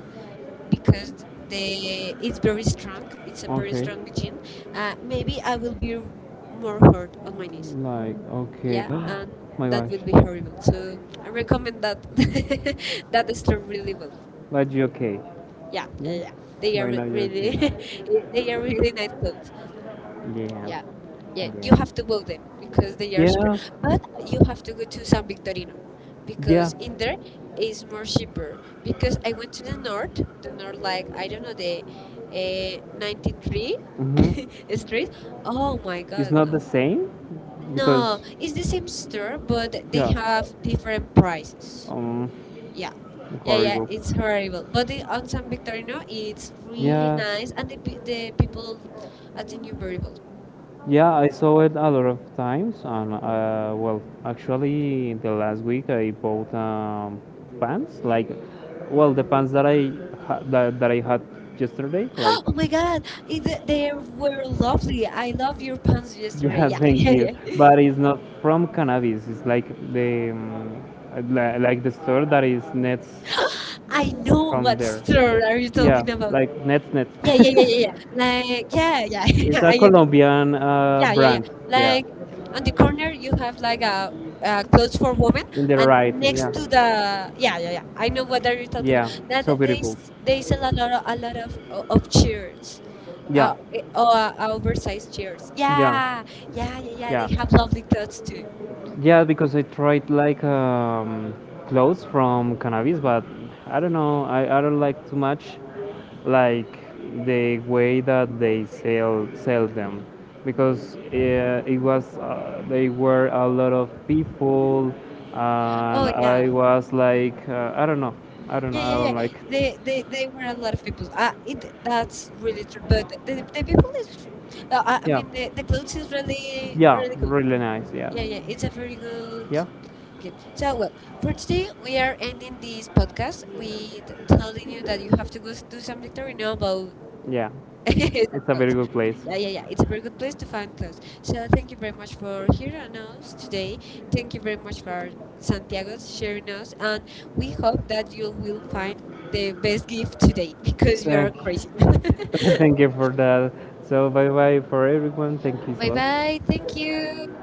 Speaker 2: because
Speaker 1: because
Speaker 2: they
Speaker 1: the
Speaker 2: it's very
Speaker 1: it's
Speaker 2: strong,
Speaker 1: very
Speaker 2: it's a
Speaker 1: strong. It's a
Speaker 2: very
Speaker 1: very
Speaker 2: okay. strong
Speaker 1: strong gene.
Speaker 2: gym, maybe
Speaker 1: Maybe
Speaker 2: I
Speaker 1: I will
Speaker 2: would
Speaker 1: be
Speaker 2: be
Speaker 1: more
Speaker 2: more
Speaker 1: hurt on my knees.
Speaker 2: like, okay.
Speaker 1: Yeah, and
Speaker 2: My
Speaker 1: that
Speaker 2: gosh.
Speaker 1: will be
Speaker 2: I
Speaker 1: horrible. So I recommend
Speaker 2: recommend that.
Speaker 1: that that
Speaker 2: That is
Speaker 1: store
Speaker 2: from
Speaker 1: really
Speaker 2: YouTube.
Speaker 1: well.
Speaker 2: But you okay? Yeah.
Speaker 1: Yeah,
Speaker 2: Yeah.
Speaker 1: yeah, yeah.
Speaker 2: They are right now you're really okay.
Speaker 1: Really
Speaker 2: They
Speaker 1: they are
Speaker 2: are really
Speaker 1: really nice
Speaker 2: nice.
Speaker 1: clothes.
Speaker 2: Yeah.
Speaker 1: Yeah, yeah.
Speaker 2: You
Speaker 1: You
Speaker 2: Yeah.
Speaker 1: have
Speaker 2: have
Speaker 1: to
Speaker 2: to
Speaker 1: book
Speaker 2: move
Speaker 1: them because they
Speaker 2: it.
Speaker 1: are
Speaker 2: Yeah.
Speaker 1: cheaper.
Speaker 2: Yeah.
Speaker 1: But
Speaker 2: But you
Speaker 1: you have
Speaker 2: have to
Speaker 1: to go
Speaker 2: go
Speaker 1: to
Speaker 2: to
Speaker 1: San
Speaker 2: some
Speaker 1: Victorino
Speaker 2: terrenos. Yeah.
Speaker 1: because in
Speaker 2: In
Speaker 1: there
Speaker 2: there is
Speaker 1: is more
Speaker 2: worshipful.
Speaker 1: cheaper.
Speaker 2: If you
Speaker 1: Because
Speaker 2: have
Speaker 1: I went to
Speaker 2: to turn north,
Speaker 1: the
Speaker 2: so
Speaker 1: north,
Speaker 2: like,
Speaker 1: like
Speaker 2: I
Speaker 1: I
Speaker 2: don't
Speaker 1: don't know
Speaker 2: know, the
Speaker 1: the
Speaker 2: eh, ninth grade,
Speaker 1: 93
Speaker 2: mm-hmm. It's
Speaker 1: street.
Speaker 2: great. Oh
Speaker 1: Oh my
Speaker 2: my it's
Speaker 1: God,
Speaker 2: not
Speaker 1: no,
Speaker 2: the God. Same No, because
Speaker 1: no.
Speaker 2: it's
Speaker 1: It's the
Speaker 2: the
Speaker 1: same
Speaker 2: same
Speaker 1: store,
Speaker 2: store, but
Speaker 1: but
Speaker 2: yeah.
Speaker 1: they have
Speaker 2: have
Speaker 1: different
Speaker 2: different price.
Speaker 1: prices.
Speaker 2: Um. Yeah.
Speaker 1: Yeah.
Speaker 2: Yeah,
Speaker 1: Yeah, yeah,
Speaker 2: horrible. It's
Speaker 1: it's horrible.
Speaker 2: horrible.
Speaker 1: But
Speaker 2: But the
Speaker 1: the, on
Speaker 2: Anton
Speaker 1: San
Speaker 2: Victorino
Speaker 1: Victorino,
Speaker 2: is
Speaker 1: it's
Speaker 2: really
Speaker 1: really
Speaker 2: Yeah, nice
Speaker 1: nice, and
Speaker 2: and because the
Speaker 1: the
Speaker 2: people
Speaker 1: people
Speaker 2: at
Speaker 1: at the
Speaker 2: the
Speaker 1: New.
Speaker 2: yeah, I saw it a lot of times, and well, actually, the last week I bought pants, like, well, the pants that I that I had yesterday, like,
Speaker 1: Oh
Speaker 2: oh,
Speaker 1: my God,
Speaker 2: your
Speaker 1: they
Speaker 2: pants were
Speaker 1: were lovely.
Speaker 2: lovely. I
Speaker 1: I love
Speaker 2: love your
Speaker 1: your pants
Speaker 2: pants.
Speaker 1: yesterday.
Speaker 2: Yeah,
Speaker 1: Yeah,
Speaker 2: thank
Speaker 1: yeah,
Speaker 2: you,
Speaker 1: yeah.
Speaker 2: but it's not from cannabis. It's like the like the store that is next I
Speaker 1: I
Speaker 2: know,
Speaker 1: know
Speaker 2: from but
Speaker 1: what
Speaker 2: there.
Speaker 1: store
Speaker 2: Still,
Speaker 1: are you
Speaker 2: I'm yeah,
Speaker 1: talking
Speaker 2: talking about.
Speaker 1: about.
Speaker 2: Like it. Nets Nets.
Speaker 1: Yeah,
Speaker 2: Yeah, yeah,
Speaker 1: yeah, yeah,
Speaker 2: yeah,
Speaker 1: yeah,
Speaker 2: yeah.
Speaker 1: yeah.
Speaker 2: Like,
Speaker 1: Like, yeah, yeah,
Speaker 2: yeah, it's
Speaker 1: yeah.
Speaker 2: I a I know. Colombian yeah,
Speaker 1: Yeah,
Speaker 2: yeah.
Speaker 1: yeah, yeah.
Speaker 2: brand. Yeah, like
Speaker 1: Like on
Speaker 2: on
Speaker 1: the
Speaker 2: the corner
Speaker 1: corner, you
Speaker 2: we
Speaker 1: have
Speaker 2: have like
Speaker 1: like
Speaker 2: a
Speaker 1: a
Speaker 2: clothes
Speaker 1: clothes for women,
Speaker 2: component, in the and
Speaker 1: and
Speaker 2: right. Next Yeah,
Speaker 1: next
Speaker 2: to
Speaker 1: to
Speaker 2: the
Speaker 1: the
Speaker 2: yeah,
Speaker 1: yeah, yeah, yeah.
Speaker 2: I
Speaker 1: I
Speaker 2: know
Speaker 1: know
Speaker 2: what
Speaker 1: what
Speaker 2: are
Speaker 1: are
Speaker 2: you
Speaker 1: you talking.
Speaker 2: yeah, that
Speaker 1: That
Speaker 2: so place beautiful.
Speaker 1: they
Speaker 2: There's a
Speaker 1: sell
Speaker 2: lot of
Speaker 1: a lot of of
Speaker 2: of cheap
Speaker 1: shirts.
Speaker 2: yeah. It
Speaker 1: Oh,
Speaker 2: all overflows
Speaker 1: oversized
Speaker 2: to you.
Speaker 1: shirts.
Speaker 2: Yeah. Yeah. Yeah. Yeah.
Speaker 1: Yeah, yeah, yeah,
Speaker 2: I
Speaker 1: yeah.
Speaker 2: Yeah.
Speaker 1: They
Speaker 2: have
Speaker 1: have lovely
Speaker 2: drugs
Speaker 1: clothes too.
Speaker 2: too. Yeah, because I tried like clothes from cannabis, but I don't know. I don't like too much like the way that they sell them because it was they were a lot of people and
Speaker 1: Oh
Speaker 2: I
Speaker 1: yeah,
Speaker 2: was like I don't know
Speaker 1: yeah,
Speaker 2: I
Speaker 1: yeah,
Speaker 2: don't
Speaker 1: yeah.
Speaker 2: Yeah, like it.
Speaker 1: They were a lot of people.
Speaker 2: Ah,
Speaker 1: It that's really true. But
Speaker 2: really
Speaker 1: the people is, I I
Speaker 2: yeah
Speaker 1: mean the clothes is really
Speaker 2: yeah
Speaker 1: really good.
Speaker 2: really nice yes
Speaker 1: Yeah, yeah, it's a very good.
Speaker 2: yeah, really yeah
Speaker 1: Okay, so
Speaker 2: so
Speaker 1: well for today
Speaker 2: typically,
Speaker 1: we
Speaker 2: we are
Speaker 1: are
Speaker 2: in
Speaker 1: ending
Speaker 2: these
Speaker 1: this
Speaker 2: products.
Speaker 1: podcast
Speaker 2: We
Speaker 1: with
Speaker 2: look
Speaker 1: telling
Speaker 2: through the
Speaker 1: you that you have to go do
Speaker 2: there's a
Speaker 1: some lecturing now
Speaker 2: material
Speaker 1: about
Speaker 2: Yeah, mode.
Speaker 1: it's
Speaker 2: It's a
Speaker 1: about.
Speaker 2: very good place.
Speaker 1: Yeah,
Speaker 2: Yeah, you
Speaker 1: yeah,
Speaker 2: have
Speaker 1: yeah.
Speaker 2: to
Speaker 1: It's a very
Speaker 2: look
Speaker 1: good
Speaker 2: at
Speaker 1: place
Speaker 2: this
Speaker 1: to
Speaker 2: one.
Speaker 1: find clothes. So thank you very much
Speaker 2: So
Speaker 1: for hearing us today.
Speaker 2: thank
Speaker 1: Thank you
Speaker 2: you very
Speaker 1: very much
Speaker 2: much for
Speaker 1: for
Speaker 2: hearing us today. Thank you
Speaker 1: Santiago
Speaker 2: very much for sending us, sharing
Speaker 1: sharing us,
Speaker 2: us,
Speaker 1: and
Speaker 2: and
Speaker 1: we
Speaker 2: we
Speaker 1: hope
Speaker 2: hope that
Speaker 1: that you will
Speaker 2: you
Speaker 1: find
Speaker 2: find
Speaker 1: the
Speaker 2: the
Speaker 1: best gift
Speaker 2: best gift today
Speaker 1: today
Speaker 2: because
Speaker 1: because
Speaker 2: we
Speaker 1: we are
Speaker 2: thank,
Speaker 1: crazy.
Speaker 2: grateful. Thank you for that. So bye bye for everyone. Thank you
Speaker 1: Bye
Speaker 2: so much.
Speaker 1: bye.
Speaker 2: Bye.
Speaker 1: Thank
Speaker 2: Thank
Speaker 1: you.
Speaker 2: you.